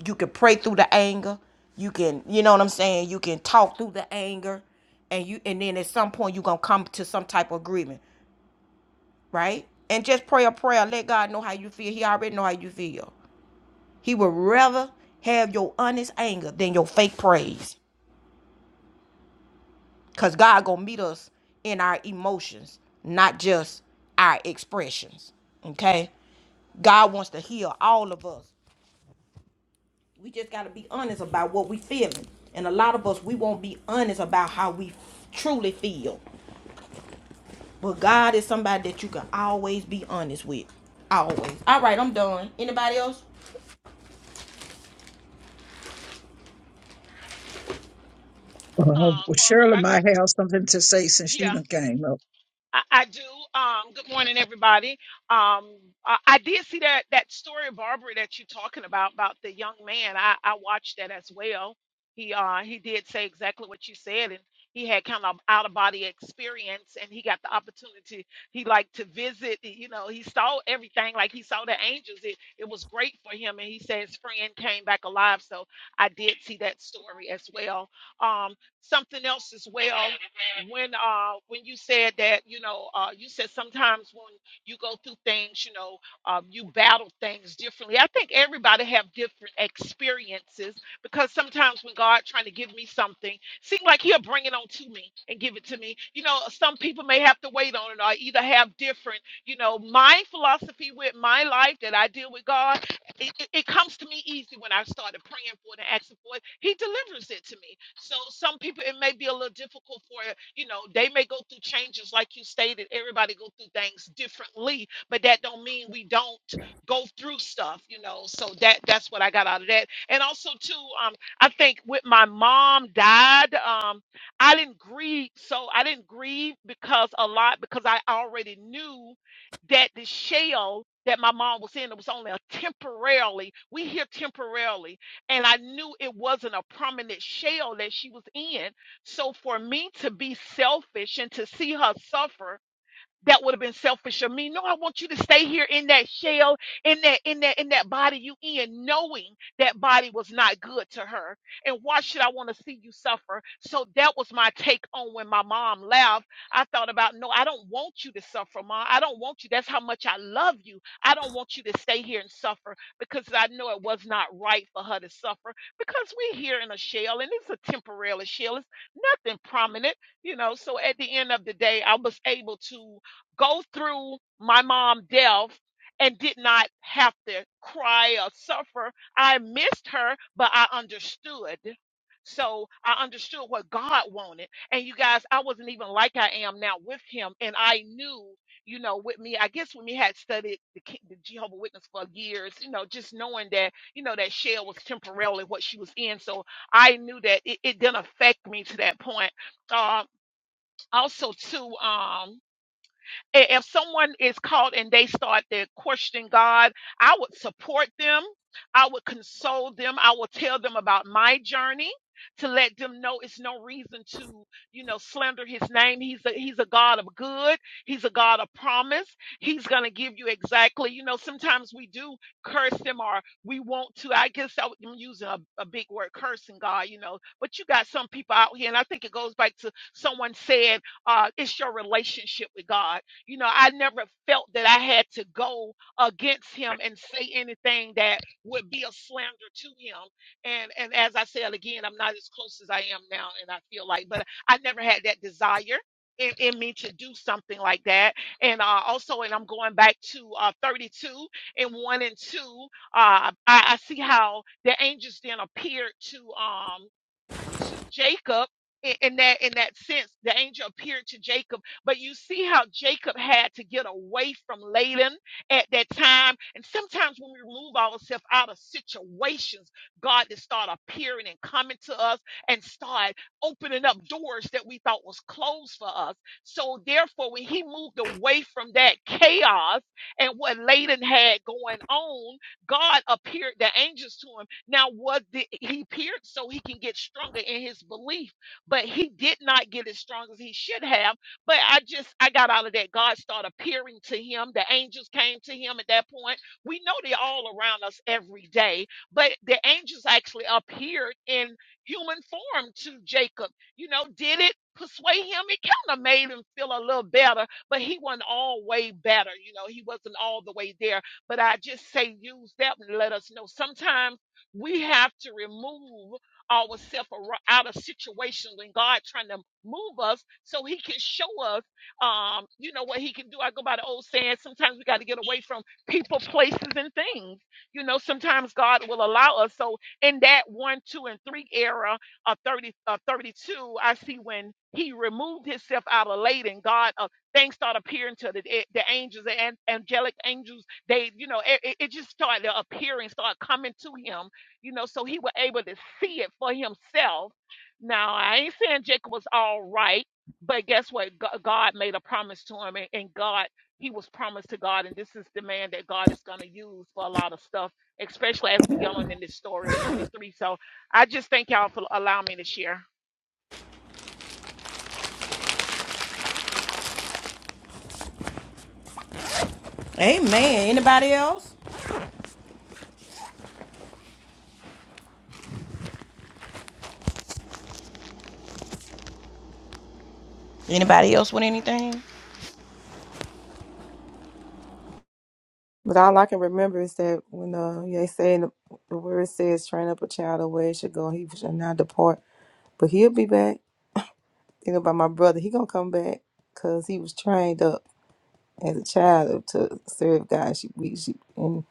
A: you can pray through the anger you can you know what i'm saying you can talk through the anger and you and then at some point you're gonna come to some type of agreement right and just pray a prayer let god know how you feel he already know how you feel he would rather have your honest anger than your fake praise because god gonna meet us in our emotions not just our expressions okay God wants to heal all of us We just got to be honest about what we feeling. And a lot of us, we won't be honest about how we truly feel. But God is somebody that you can always be honest with. Always. All right, I'm done. Anybody else?
D: Uh,
H: Um,
D: well,
H: Barbara,
D: Shirley
H: I got
D: might have something to say since she
H: yeah,
D: done came up.
H: I, I do. Um, good morning, everybody. Um, I, I did see that that story, Barbara, that you're talking about about the young man. I I watched that as well. He uh he did say exactly what you said, and he had kind of out of body experience, and he got the opportunity. He liked to visit. You know, he saw everything like he saw the angels. It it was great for him, and he said his friend came back alive. So I did see that story as well. Um, something else as well when uh when you said that you know uh you said sometimes when you go through things you know um you battle things differently i think everybody have different experiences because sometimes when god trying to give me something seem like he'll bring it on to me and give it to me you know some people may have to wait on it or either have different you know my philosophy with my life that i deal with god it, it it comes to me easy when I started praying for it and asking for it. He delivers it to me. So some people it may be a little difficult for it. you know they may go through changes like you stated. Everybody go through things differently, but that don't mean we don't go through stuff. You know, so that that's what I got out of that. And also too, um, I think with my mom died, um, I didn't grieve. So I didn't grieve because a lot because I already knew that the shell that my mom was in it was only a temporarily we hear temporarily and i knew it wasn't a permanent shell that she was in so for me to be selfish and to see her suffer that would have been selfish of me. No, I want you to stay here in that shell, in that, in that, in that body you in, knowing that body was not good to her. And why should I want to see you suffer? So that was my take on when my mom left. I thought about, no, I don't want you to suffer, mom. I don't want you. That's how much I love you. I don't want you to stay here and suffer because I know it was not right for her to suffer because we're here in a shell and it's a temporary shell. It's nothing prominent you know so at the end of the day i was able to go through my mom' death and did not have to cry or suffer. I missed her, but I understood. So I understood what God wanted. And you guys, I wasn't even like I am now with him. And I knew, you know, with me, I guess when we had studied the, Ki- the Jehovah Witness for years, you know, just knowing that, you know, that shell was temporarily what she was in. So I knew that it, it didn't affect me to that point. Uh, also, too, um, i- if someone is called and they start to question God, I would support them. I would console them. I will tell them about my journey to let them know it's no reason to, you know, slander his name. He's a he's a God of good. He's a God of promise. He's gonna give you exactly, you know, sometimes we do curse him or we want to. I guess I would- I'm using a, a big word, cursing God, you know, but you got some people out here, and I think it goes back to someone said, uh, it's your relationship with God. You know, I never felt that I had to go against him and say anything that would be a slander to him. And and as I said again, I'm not as close as I am now, and I feel like, but I never had that desire. In, in me to do something like that and uh, also and i'm going back to uh, 32 and 1 and 2 uh, I, I see how the angels then appeared to um to Jacob in, in that in that sense the angel appeared to Jacob but you see how Jacob had to get away from Laban at that time and sometimes when we remove ourselves out of situations God to start appearing and coming to us and start opening up doors that we thought was closed for us so therefore when he moved away from that chaos and what Laban had going on God appeared the angels to him now, was the, he appeared so he can get stronger in his belief, but he did not get as strong as he should have. But I just I got out of that. God started appearing to him. The angels came to him at that point. We know they're all around us every day, but the angels actually appeared in human form to Jacob. You know, did it persuade him? It kind of made him feel a little better, but he wasn't all way better. You know, he wasn't all the way there. But I just say use that and let us know sometimes. We have to remove ourselves out of situations when God trying to move us so he can show us, um, you know, what he can do. I go by the old saying, sometimes we got to get away from people, places, and things. You know, sometimes God will allow us. So in that one, two, and three era of 30, of 32, I see when he removed himself out of Laden, God, uh, things start appearing to the, eh, the angels, the angelic angels. They, you know, it, it it just started appearing, started coming to him you know, so he was able to see it for himself. Now, I ain't saying Jacob was all right, but guess what? Go- God made a promise to him, and, and God, he was promised to God, and this is the man that God is going to use for a lot of stuff, especially as we go on in this story of 33. So I just thank y'all for allowing me to share.
A: Amen. Anybody else? Anybody else with anything?
G: But all I can remember is that when uh, yeah, they say in the, the word says, train up a child the way it should go, he shall not depart. But he'll be back. Think about my brother. He gonna come back because he was trained up as a child to serve God. She, we, she, and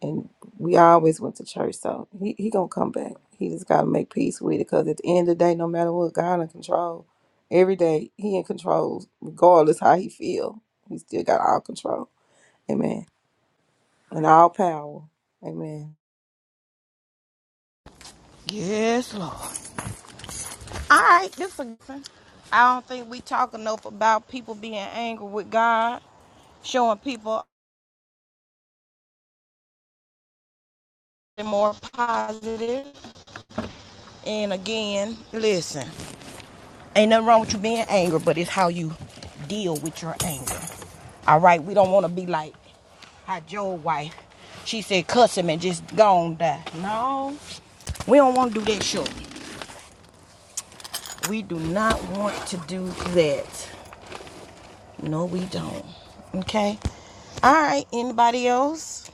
G: and we always went to church, so he he gonna come back. He just gotta make peace with it because at the end of the day, no matter what, God in control. Every day he in control, regardless how he feel. He still got all control. Amen. And all power. Amen.
A: Yes, Lord. All right, this is a good one. I don't think we talk enough about people being angry with God, showing people more positive. And again, listen. Ain't nothing wrong with you being angry, but it's how you deal with your anger. All right, we don't want to be like how Joe's wife. She said, "Cuss him and just gone die." No, we don't want to do that shit. We do not want to do that. No, we don't. Okay. All right. Anybody else?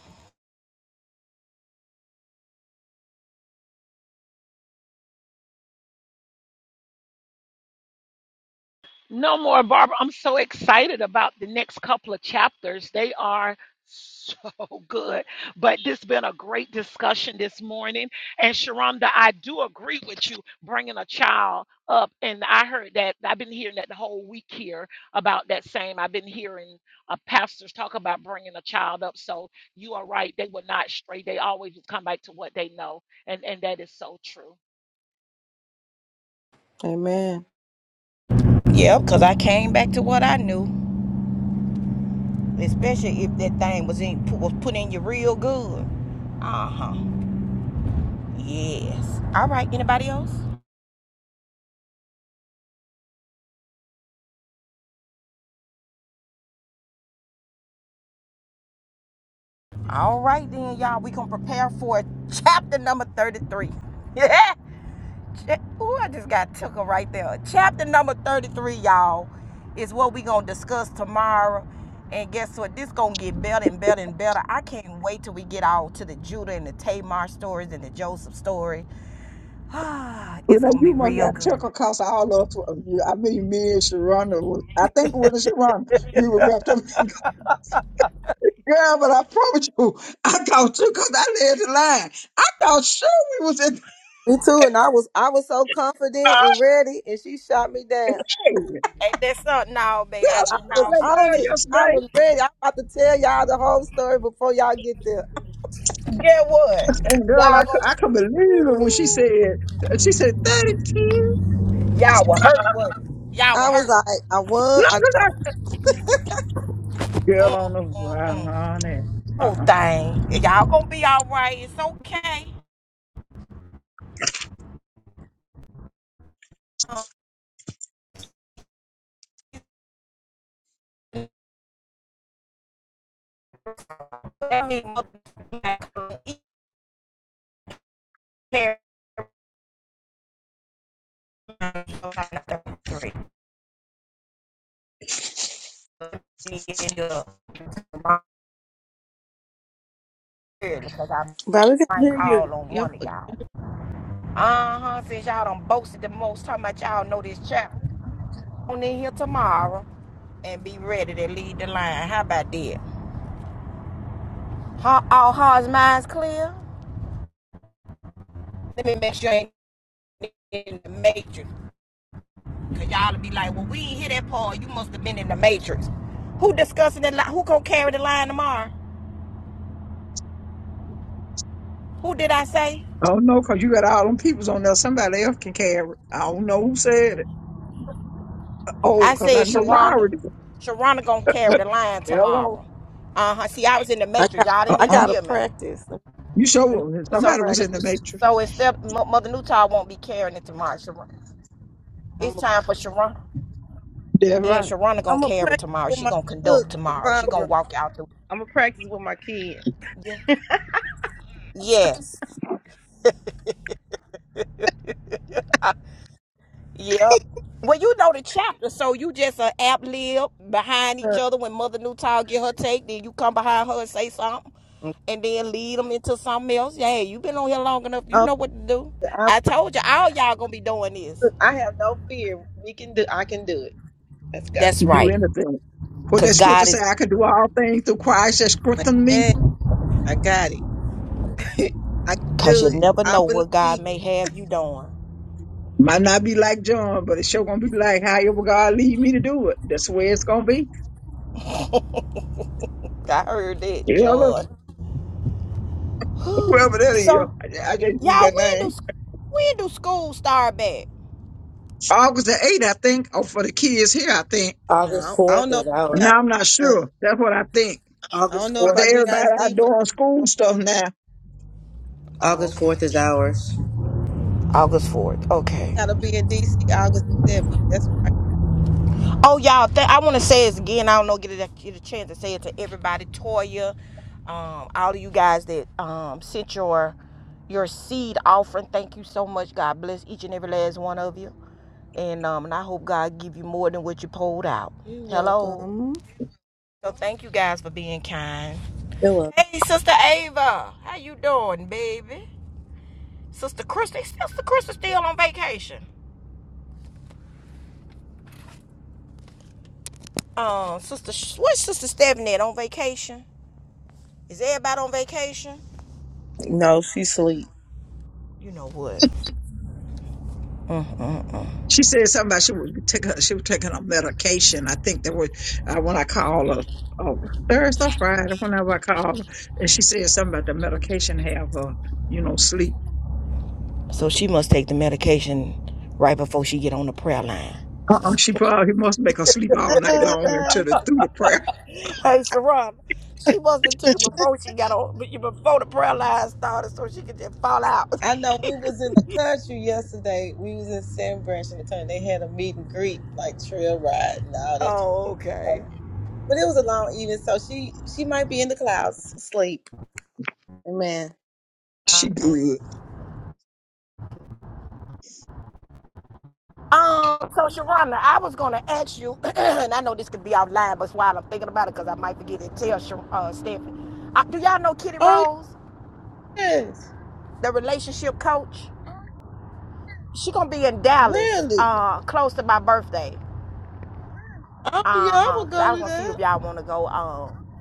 H: No more, Barbara. I'm so excited about the next couple of chapters. They are so good. But this has been a great discussion this morning. And Sharonda, I do agree with you bringing a child up. And I heard that, I've been hearing that the whole week here about that same. I've been hearing uh, pastors talk about bringing a child up. So you are right. They were not straight. They always come back to what they know. And, and that is so true.
G: Amen.
A: Yeah, cause I came back to what I knew, especially if that thing was in was put in you real good. Uh huh. Yes. All right. Anybody else? All right then, y'all. We gonna prepare for chapter number thirty-three. Yeah. Cha- Ooh, I just got took her right there. Chapter number thirty-three, y'all, is what we gonna discuss tomorrow. And guess what? This gonna get better and better and better. I can't wait till we get all to the Judah and the Tamar stories and the Joseph story. Ah,
D: Well,
A: it's
D: now
A: gonna
D: you
A: be
D: must
A: real
D: have
A: good.
D: took across all of you. I mean, me and Sharonda, was, I think with Sharonda, we were wrapped up. Girl, but I promise you, I thought too, because I led the line. I thought sure we was in
G: Me too. And I was I was so confident and ready, and she shot me
D: Hey,
G: down.
A: Hey, that's something now, baby.
D: Girl, I
A: I
G: I
A: said,
D: saw
G: was
A: no,
D: that
A: sugar.
G: on
D: girl
G: it.
A: we-
G: I
D: yesterday,
G: was ready. I'm about to tell y'all the whole story before y'all get there.
A: Get what?
D: and girl, I,
A: Y'all
D: cou-
A: gonna
D: I
A: be,
D: could believe it when she said, she said, 30 kids.
A: y'all were hurt what? Y'all were
G: I was
A: hurt.
G: like, I won.
D: No,
G: I
D: 'cause
G: got,
D: I girl on the
A: Mm, mm,
D: wow,
A: mm.
D: honey. Uh,
A: whole thing. Y'all gonna be all right. It's okay. Um, I mean, motherfucker, like, uh, each pair Yeah, because I
G: but we can
A: might
G: hear you.
A: call on
G: Yep.
A: one of y'all. Uh huh. Since y'all done boasted the most, talking about y'all know this chap on in here tomorrow and be ready to lead the line. How about that? Huh, all hearts, minds clear. Let me make sure I ain't in the matrix. Cause y'all be like, well, we ain't hear that part. You must have been in the matrix. Who discussing the line? Who gonna carry the line tomorrow? Who did I say?
D: oh no, cause you got all them peoples on there. Somebody else can carry. it. I don't know who said it. Oh,
A: I
D: 'cause I
A: said
D: know
A: Sharonda.
D: Larry. did.
A: Sharonda gonna carry the line
D: Hello.
A: tomorrow. Uh huh. See, I was in the
G: I
A: matrix.
G: got
A: Y'all
D: Uh
A: didn't
G: I
A: even
D: uh
G: gotta
A: hear me.
G: practice. Let me,
D: You sure
G: let me
D: was-
G: start
A: So,
D: somebody was
G: practice.
A: to,
D: in the matrix.
A: so instead, Mo- Mother Newtall won't be carrying it tomorrow. Sharon,
G: I'm
A: it's
G: a
A: time for Sharonda.
D: That's
A: Yeah,
D: right.
A: Sharonda gonna
G: I'm a
A: carry it
G: practice
A: tomorrow.
G: with
A: She
G: my
A: gonna conduct
G: cook,
A: tomorrow. She gonna
G: Barbara.
A: walk out the.
G: I'm a practice with my kid.
A: Yeah. Yes. Yep. Well, you know the chapter, so you just a app lib behind each
G: Uh,
A: other. When Mother Newtall get her take, then you come behind her and say something,
G: okay.
A: and then lead them into something else. Yeah, you been on here long enough. You know what to do.
G: I,
A: I told you, all y'all gonna be doing this.
G: I have no fear. We can do. I can do it. Let's go.
A: That's
D: You do
A: right,
D: anything. What that
A: cause
D: scripture
A: God
D: say?
A: is,
D: I can do all things through Christ that strengthen me.
G: Amen. I got it. I can
A: cause you
G: do it.
A: never
G: I
A: know what
G: believe.
A: God may have you doing.
D: Might not be like John, but it's sure gonna be like however God lead me to do it. That's the way it's gonna be.
A: I heard that,
D: Hello.
A: John.
D: Whoever that is,
A: so,
D: I I just knew
A: y'all,
D: that
A: when do
D: name.
A: s- when do school start back?
D: August the 8th, I think, or for the kids here, I think.
C: August
G: No, I don't
C: 4th
G: know
C: is
G: about
D: And
C: ours.
G: DIZ,
D: Now I'm not
G: but
D: sure. That's what I think.
G: I don't
C: August
G: know
D: 'Cause
C: 4th
G: about
D: they everybody
C: is
G: DIZ,
D: out
G: but
D: doing
G: I
D: school stuff now.
A: Oh,
C: August
A: okay.
C: 4th is ours.
A: August fourth. Okay.
G: gotta be in DC August 7th. That's where I
A: Oh, y'all, th- I want to say this again. I don't know, get a, get a chance to say it to everybody. Toya, um, all of you guys that um, sent your your seed offering, thank you so much. God bless each and every last one of you. And, um, and I hope God give you more than what you pulled out.
G: You're
A: Hello.
G: welcome.
A: So thank you guys for being kind.
C: you're welcome.
A: Hey, Sister Ava, how you doing, baby? Sister Krista, Sister Krista still on vacation. Um, Sister, what's Sister Stephanie on vacation? Is everybody on vacation?
G: No, she sleep.
A: You know what? Mm-mm-mm.
D: She said something about she was taking her, she was taking her medication. I think that was uh, when I called her uh, Thursday, Friday, whenever I called her, and she said something about the medication have her, you know, sleep.
A: So she must take the medication right before she get on the prayer line.
D: Uh-uh, she probably must make her sleep all night
G: Uh,
D: long until the, through the prayer.
A: Hey, Sharon, she must have took it before she got on, before the prayer line started, so she could just fall out.
G: I know we was in the country yesterday. We was in San Branch and Attorney. They had a meet and greet, like trail ride and all that kind of
A: Oh,
G: stuff.
A: okay.
G: But it was a long evening, so she she might be in the clouds, asleep. Amen.
D: She good.
A: Um, so Sharonda, I was gonna ask you, and I know this could be offline, but while I'm thinking about it, because I might forget it. Tell Shar- uh, Stephanie. Uh, do y'all know Kitty
G: Oh
A: Rose,
G: yes,
A: the relationship coach? She gonna be in Dallas,
G: really?
A: uh, close to my birthday.
G: Oh yeah,
A: Uh
G: I
A: huh.
G: will
A: Cause I
G: go
A: was
G: to
A: gonna see
G: that.
A: if y'all wanna go. Um.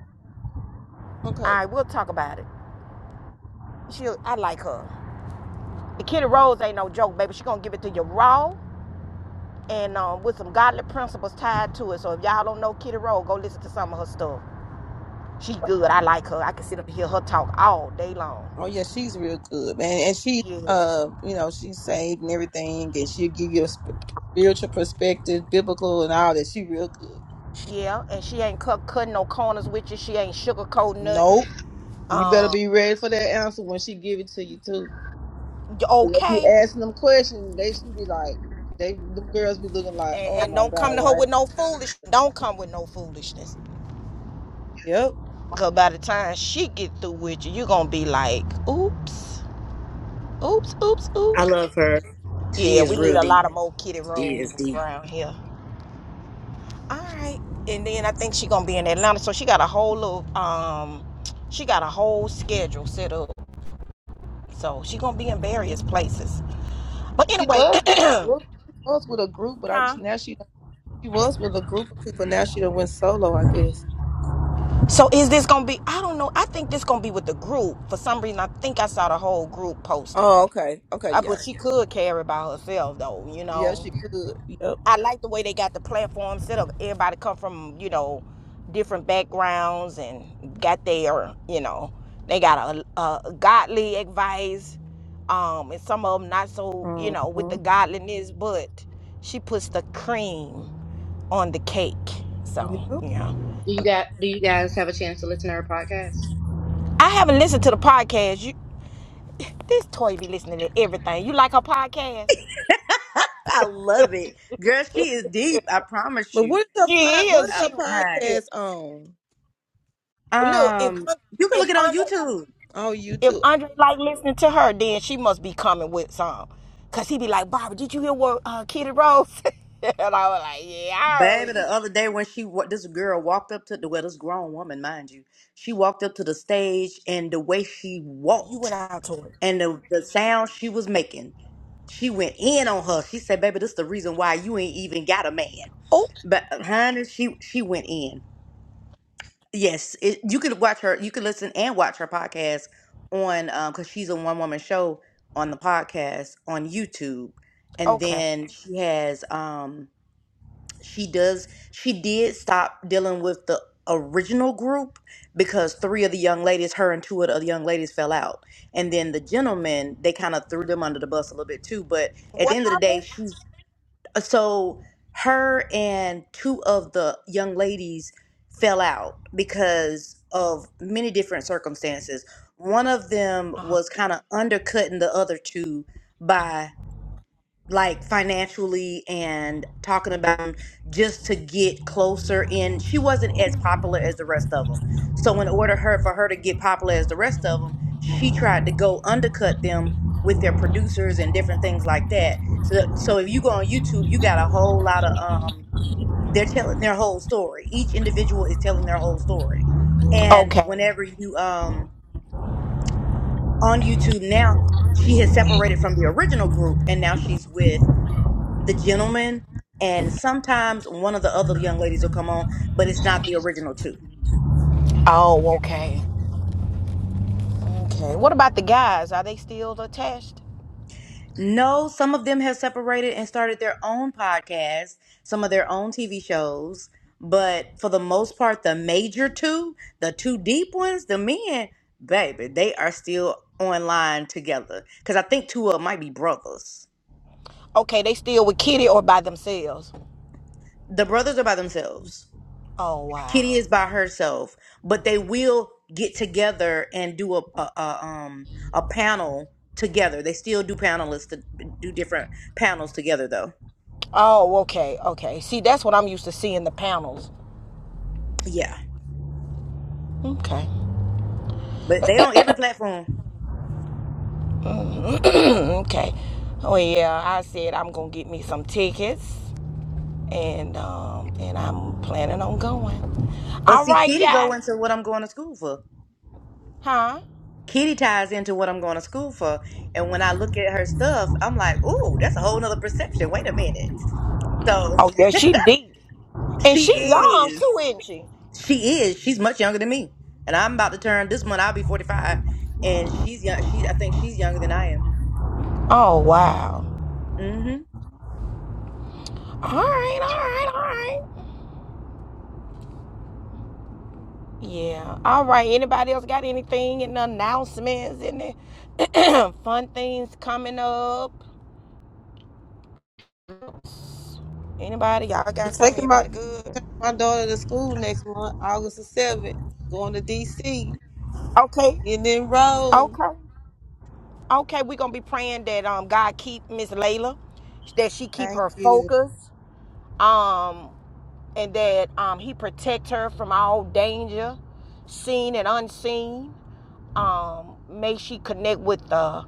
A: All
G: Okay.
A: right, we'll talk about it. She, I like her. The Kitty Rose ain't no joke, baby. She gonna give it to you raw and um, with some godly principles tied to it. So if y'all don't know Kitty Rose, go listen to some of her stuff. She good. I like her. I can sit up and hear her talk all day long.
G: Oh yeah, she's real good, man, and she,
A: Yeah.
G: uh, you know, she's saved and everything, and she'll give you a sp- spiritual perspective, biblical, and all that. She real good.
A: Yeah. And she ain't cut cutting no corners with you. She ain't sugarcoating
G: Nope,
A: nothing.
G: you better
A: Um.
G: be ready for that answer when she give it to you too.
A: you
G: 'Cause If you
A: Okay.
G: asking them questions, they should be like, they them girls be looking like,
A: And,
G: oh
A: and
G: my
A: don't
G: god,
A: come to her
G: why?
A: with no foolish. Don't come with no foolishness.
G: Yep.
A: Cause by the time she get through with you, you gonna be like, oops, oops, oops,
C: I
A: oops.
C: love her. She
A: Yeah,
C: is
A: we need
C: real
A: a
C: deep.
A: lot of more kitty
C: She is
A: roses
C: deep.
A: around here. All right. And then I think she gonna be in Atlanta. So she got a whole little um she got a whole schedule set up. So she gonna be in various places. But
G: She
A: anyway,
G: was with a group. She was with a group, but I now she she was with a group of people. Now she done went solo, I guess.
A: so is this gonna be I don't know. I think this gonna be with the group. For some reason I think I saw the whole group posted.
G: Oh, okay, okay,
A: Uh,
G: yeah.
A: but she could carry by herself though, you
G: Yeah,
A: know.
G: she could. Yep.
A: I like the way they got the platform set up. Everybody come from you know different backgrounds and got their you know they got a, a godly advice, um, and some of them not so you know with
G: Uh-huh.
A: the godliness, but she puts the cream on the cake. So
G: Yep.
A: yeah,
C: Do you got do you guys have a chance to listen to her podcast?
A: I haven't listened to the podcast. You this toy be listening to everything. You like her podcast?
C: I love it, girl. She is deep. I promise
G: But
C: you,
G: what's the
A: She
G: pod, what's
A: is.
C: uh,
G: the
A: She really is.
G: podcast on?
A: Look if
C: honey. Um, you can
A: if
C: look it on
A: Andre
C: YouTube.
G: On
A: If
G: YouTube.
A: Andre like listening to her, then she must be coming with some. Cause he be like, Barbara, did you hear what uh, Kitty Rose? said?" and I was like, Yeah, I heard what
C: Baby,
A: she
C: the
A: said.
C: other day when she wa- this girl walked up to the well, this grown woman, mind you, she walked up to the stage and the way she
A: You went
C: walked
A: out to it.
C: and the, the sound she was making, she went in on her. She said, "Baby, this the reason why you ain't even got a man."
A: Oh,
C: But uh, honey, she she went in. Yes, it, you could watch her. You could listen and watch her podcast on um because she's a one woman show on the podcast on YouTube, and
A: okay.
C: then she has um she does she did stop dealing with the original group because three of the young ladies her and two of the other young ladies fell out and then the gentlemen they kind of threw them under the bus a little bit too but at the
A: What
C: end of the day
A: happened?
C: she's uh, so her and two of the young ladies fell out because of many different circumstances one of them was kind of undercutting the other two like financially and talking about 'em just to get closer in she wasn't as popular as the rest of them so in order her for her to get popular as the rest of them she tried to go undercut them with their producers and different things like that so so if you go on youtube you got a whole lot of um they're telling their whole story each individual is telling their whole story and
A: Okay.
C: whenever you um on youtube now she has separated from the original group and now she's with the gentleman and sometimes one of the other young ladies will come on but it's not the original two
A: Oh, okay. Okay. What about the guys? Are they still attached?
C: no some of them have separated and started their own podcasts some of their own tv shows but for the most part the major two the two deep ones the men baby they are still online together because i think two of them might be brothers
A: Okay, they still with Kitty or by themselves?
C: the brothers are by themselves
A: Oh
C: Kitty
A: wow.
C: is by herself, but they will get together and do a, a, a um a panel together. They still do panelists to do different panels together though.
A: Oh, okay, okay. See, that's what I'm used to seeing the panels.
C: Yeah,
A: Okay.
C: but they on every platform.
A: okay. Oh yeah, I said I'm gonna get me some tickets. and um and I'm planning on going.
C: But
A: All
C: see,
A: right,
C: Kitty go
A: guy.
C: into what I'm going to school for.
A: Huh?
C: Kitty ties into what I'm going to school for, and when I look at her stuff, I'm like, ooh, that's a whole nother perception. Wait a minute. So
A: Oh yeah, she deep. And
C: she
A: she young
C: is.
A: too, isn't she?
C: She is. She's much younger than me, and I'm about to turn this month. I'll be 45, and she's young. She, I think she's younger than I am.
A: Oh wow.
C: Mm-hmm.
A: All right, all right, all right. Yeah. All right. Anybody else got anything and announcements and the fun things coming up? Anybody? Y'all
G: I'm
A: got something?
G: taking my
A: Everybody good?
G: my daughter to school next month, August the seventh. Going to DC.
A: Okay.
G: Getting enrolled.
A: Okay. Okay. We're gonna be praying that um God keep Miss Layla, that she keep
G: Thank
A: her
G: you.
A: focus. Um and that um, he protect her from all danger, seen and unseen. Um, may she connect with the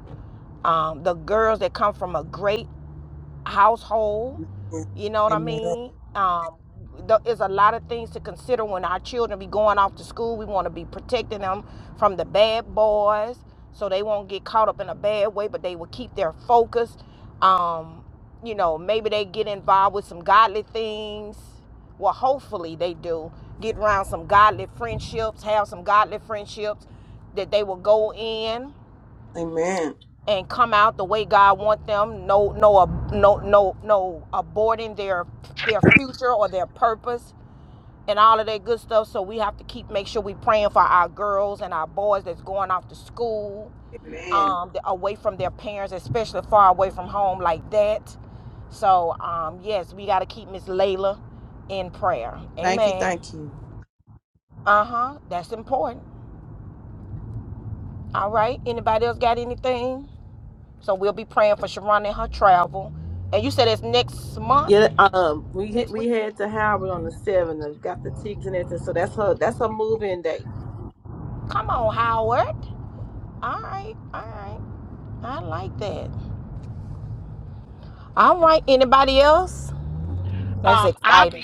A: um, the girls that come from a great household. You know what I
G: Amen.
A: mean? Um, there's a lot of things to consider when our children be going off to school. We want to be protecting them from the bad boys, so they won't get caught up in a bad way, but they will keep their focus. Um, you know, maybe they get involved with some godly things. Well, hopefully they do get around some godly friendships, have some godly friendships that they will go in
G: Amen.
A: and come out the way God wants them. No, no, no, no, no aborting their their future or their purpose and all of that good stuff. So we have to keep make sure we praying for our girls and our boys that's going off to school,
G: Amen.
A: um, th- away from their parents, especially far away from home like that. So um, yes, we got to keep Miss Layla in prayer.
G: Thank you.
A: Amen.
G: Thank you.
A: Uh huh. That's important. All right. Anybody else got anything? So we'll be praying for Sharon and her travel. And you said it's next month,
G: Yeah, um, we hit-
A: next
G: we
A: week.
G: had to Howard on the seventh and got the tickets and everything. So that's her that's her move-in day.
A: Come on, Howard. All right, all right. I like that. All right. Anybody else? That's
H: Um, I'll
A: exciting.
H: be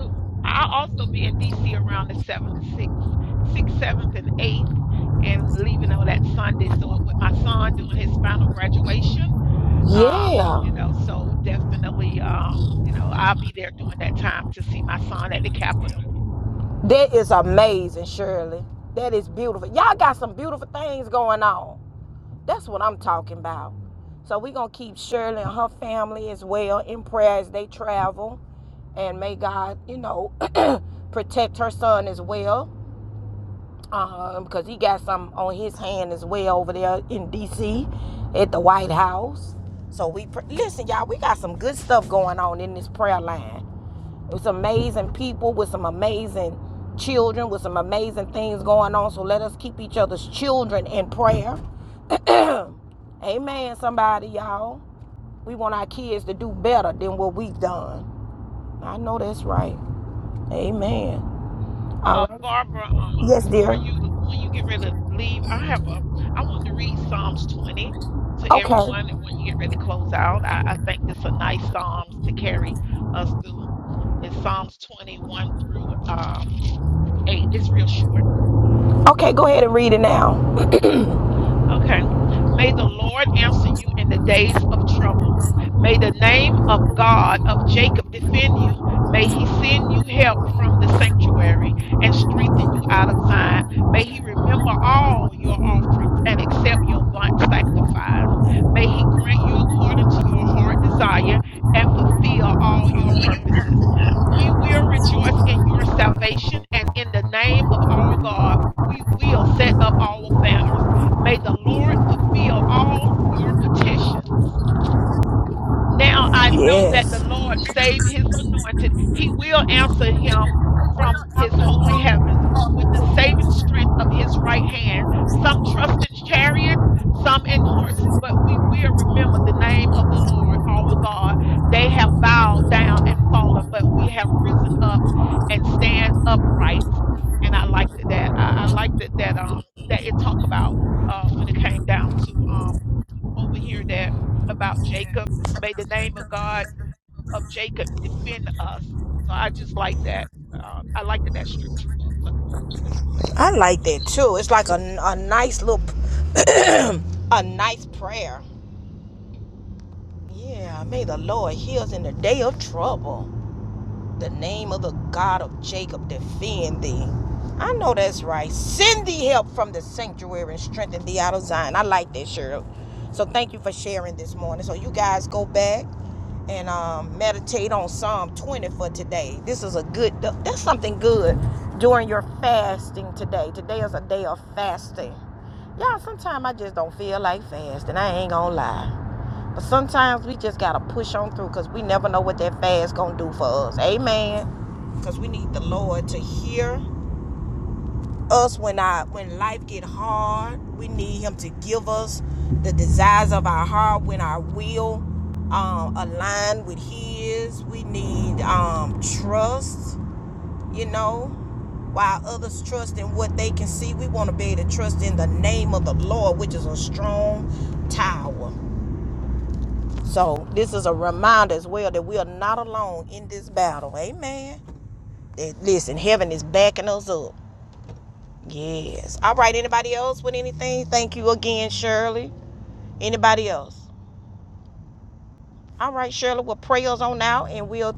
H: Ooh, I'll also be in DC around the seventh, sixth, sixth, seventh, and eighth, and leaving on that Sunday. So uh, with my son doing his final graduation, um,
A: Yeah,
H: you know, so definitely, um, you know, I'll be there during that time to see my son at the Capitol.
A: that is amazing, Shirley. That is beautiful. Y'all got some beautiful things going on. That's what I'm talking about. So we're gonna keep Shirley and her family as well in prayer as they travel, and may God, you know, protect her son as well. um, because he got some on his hand as well over there in D.C. at the White House. So we pr- listen, y'all. We got some good stuff going on in this prayer line. It's amazing people with some amazing children with some amazing things going on. So let us keep each other's children in prayer. Amen. Somebody, y'all. We want our kids to do better than what we've done. I know that's right. Amen. All
H: Uh,
A: right.
H: Barbara, um,
A: Yes,
H: before
A: dear.
H: you, when you get ready to leave, I have a, I want to read Psalms 20 to
A: Okay.
H: everyone and when you get ready to close out. I, I think this a nice Psalms to carry us through. It's Psalms 21 through um, 8. It's real short.
A: Okay, go ahead and read it now.
H: Okay. May the Lord answer you in the days of trouble. May the name of God of Jacob defend you. May he send you help from the sanctuary and strengthen you out of Zion. May he remember all your offerings and accept your burnt sacrifice. May he grant you according to your heart desire and fulfill all your purposes. We will rejoice in your salvation and in the name of our God, we will set up our banners. May the Lord fulfill all your petitions now I know that the
A: Yes.
H: Lord saved his anointed. He will answer him from his holy heavens with the saving strength of his right hand. Some trust in chariots, some in horses, but we will remember the name of the Lord, our God. They have bowed down and fallen, but we have risen up and stand upright. And I liked it that. I, I liked it that um that it talked about uh when it came down to um, over here that about Jacob. May the name of God of Jacob defend us. So I just like that. Uh, I like that, that scripture for, for the room today.
A: I like that too. It's like a, a nice little, a nice prayer. Yeah, may the Lord heal us in the day of trouble. the name of the God of Jacob defend thee. I know that's right. Send thee help from the sanctuary and strengthen thee out of Zion. I like that, Cheryl. So thank you for sharing this morning. So you guys go back and um, meditate on Psalm 20 for today. This is a good, that's something good during your fasting today. Today is a day of fasting. Y'all, sometimes I just don't feel like fasting. I ain't gonna lie. But sometimes we just gotta push on through because we never know what that fast gonna do for us. Amen. Because we need the Lord to hear us when I when life get hard. We need Him to give us the desires of our heart when our will um, align with His. We need um, trust you know, while others trust in what they can see, we want to be able to trust in the name of the Lord, which is a strong tower. So, this is a reminder as well that we are not alone in this battle. Amen. That, listen, heaven is backing us up. Yes. All right. Anybody else with anything? Thank you again, Shirley. Anybody else? All right, Shirley. Well, prayers on out, and we'll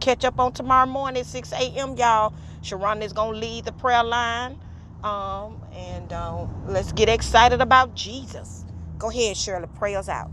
A: catch up on tomorrow morning at 6 a.m. Y'all, Sharon is gonna lead the prayer line, um, and um, let's get excited about Jesus. Go ahead, Shirley. Prayers out.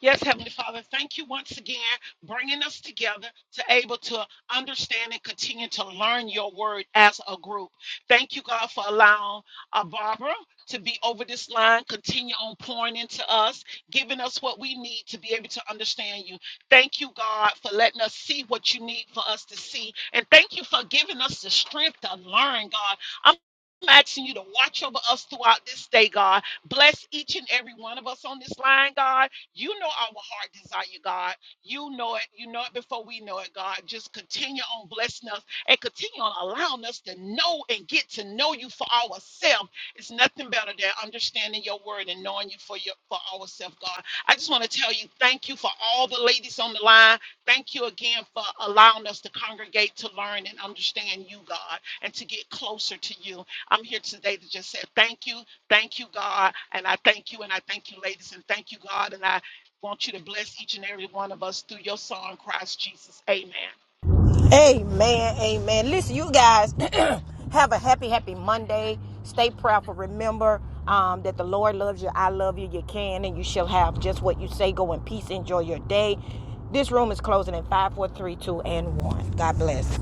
H: Yes, Heavenly Father, thank you once again bringing us together to able to understand and continue to learn your word as a group. Thank you, God, for allowing uh, Barbara to be over this line, continue on pouring into us, giving us what we need to be able to understand you. Thank you, God, for letting us see what you need for us to see. And thank you for giving us the strength to learn, God. I'm I'm asking you to watch over us throughout this day, God. Bless each and every one of us on this line, God you know our heart desire, God. You know it. You know it before we know it, God. Just continue on blessing us and continue on allowing us to know and get to know you for ourselves. It's nothing better than understanding your word and knowing you for your for ourselves, God. I just want to tell you thank you for all the ladies on the line. Thank you again for allowing us to congregate to learn and understand you, God, and to get closer to you. I'm here today to just say thank you, thank you, God, and I thank you, and I thank you, ladies, and thank you, God, and I Want you to bless each and every one of us through your song, Christ Jesus. Amen.
A: Amen. Amen. Listen, you guys have a happy, happy Monday. Stay prayerful. Remember um, that the Lord loves you. I love you. You can and you shall have just what you say. Go in peace. Enjoy your day. This room is closing in five, four, three, two, and 1. God bless.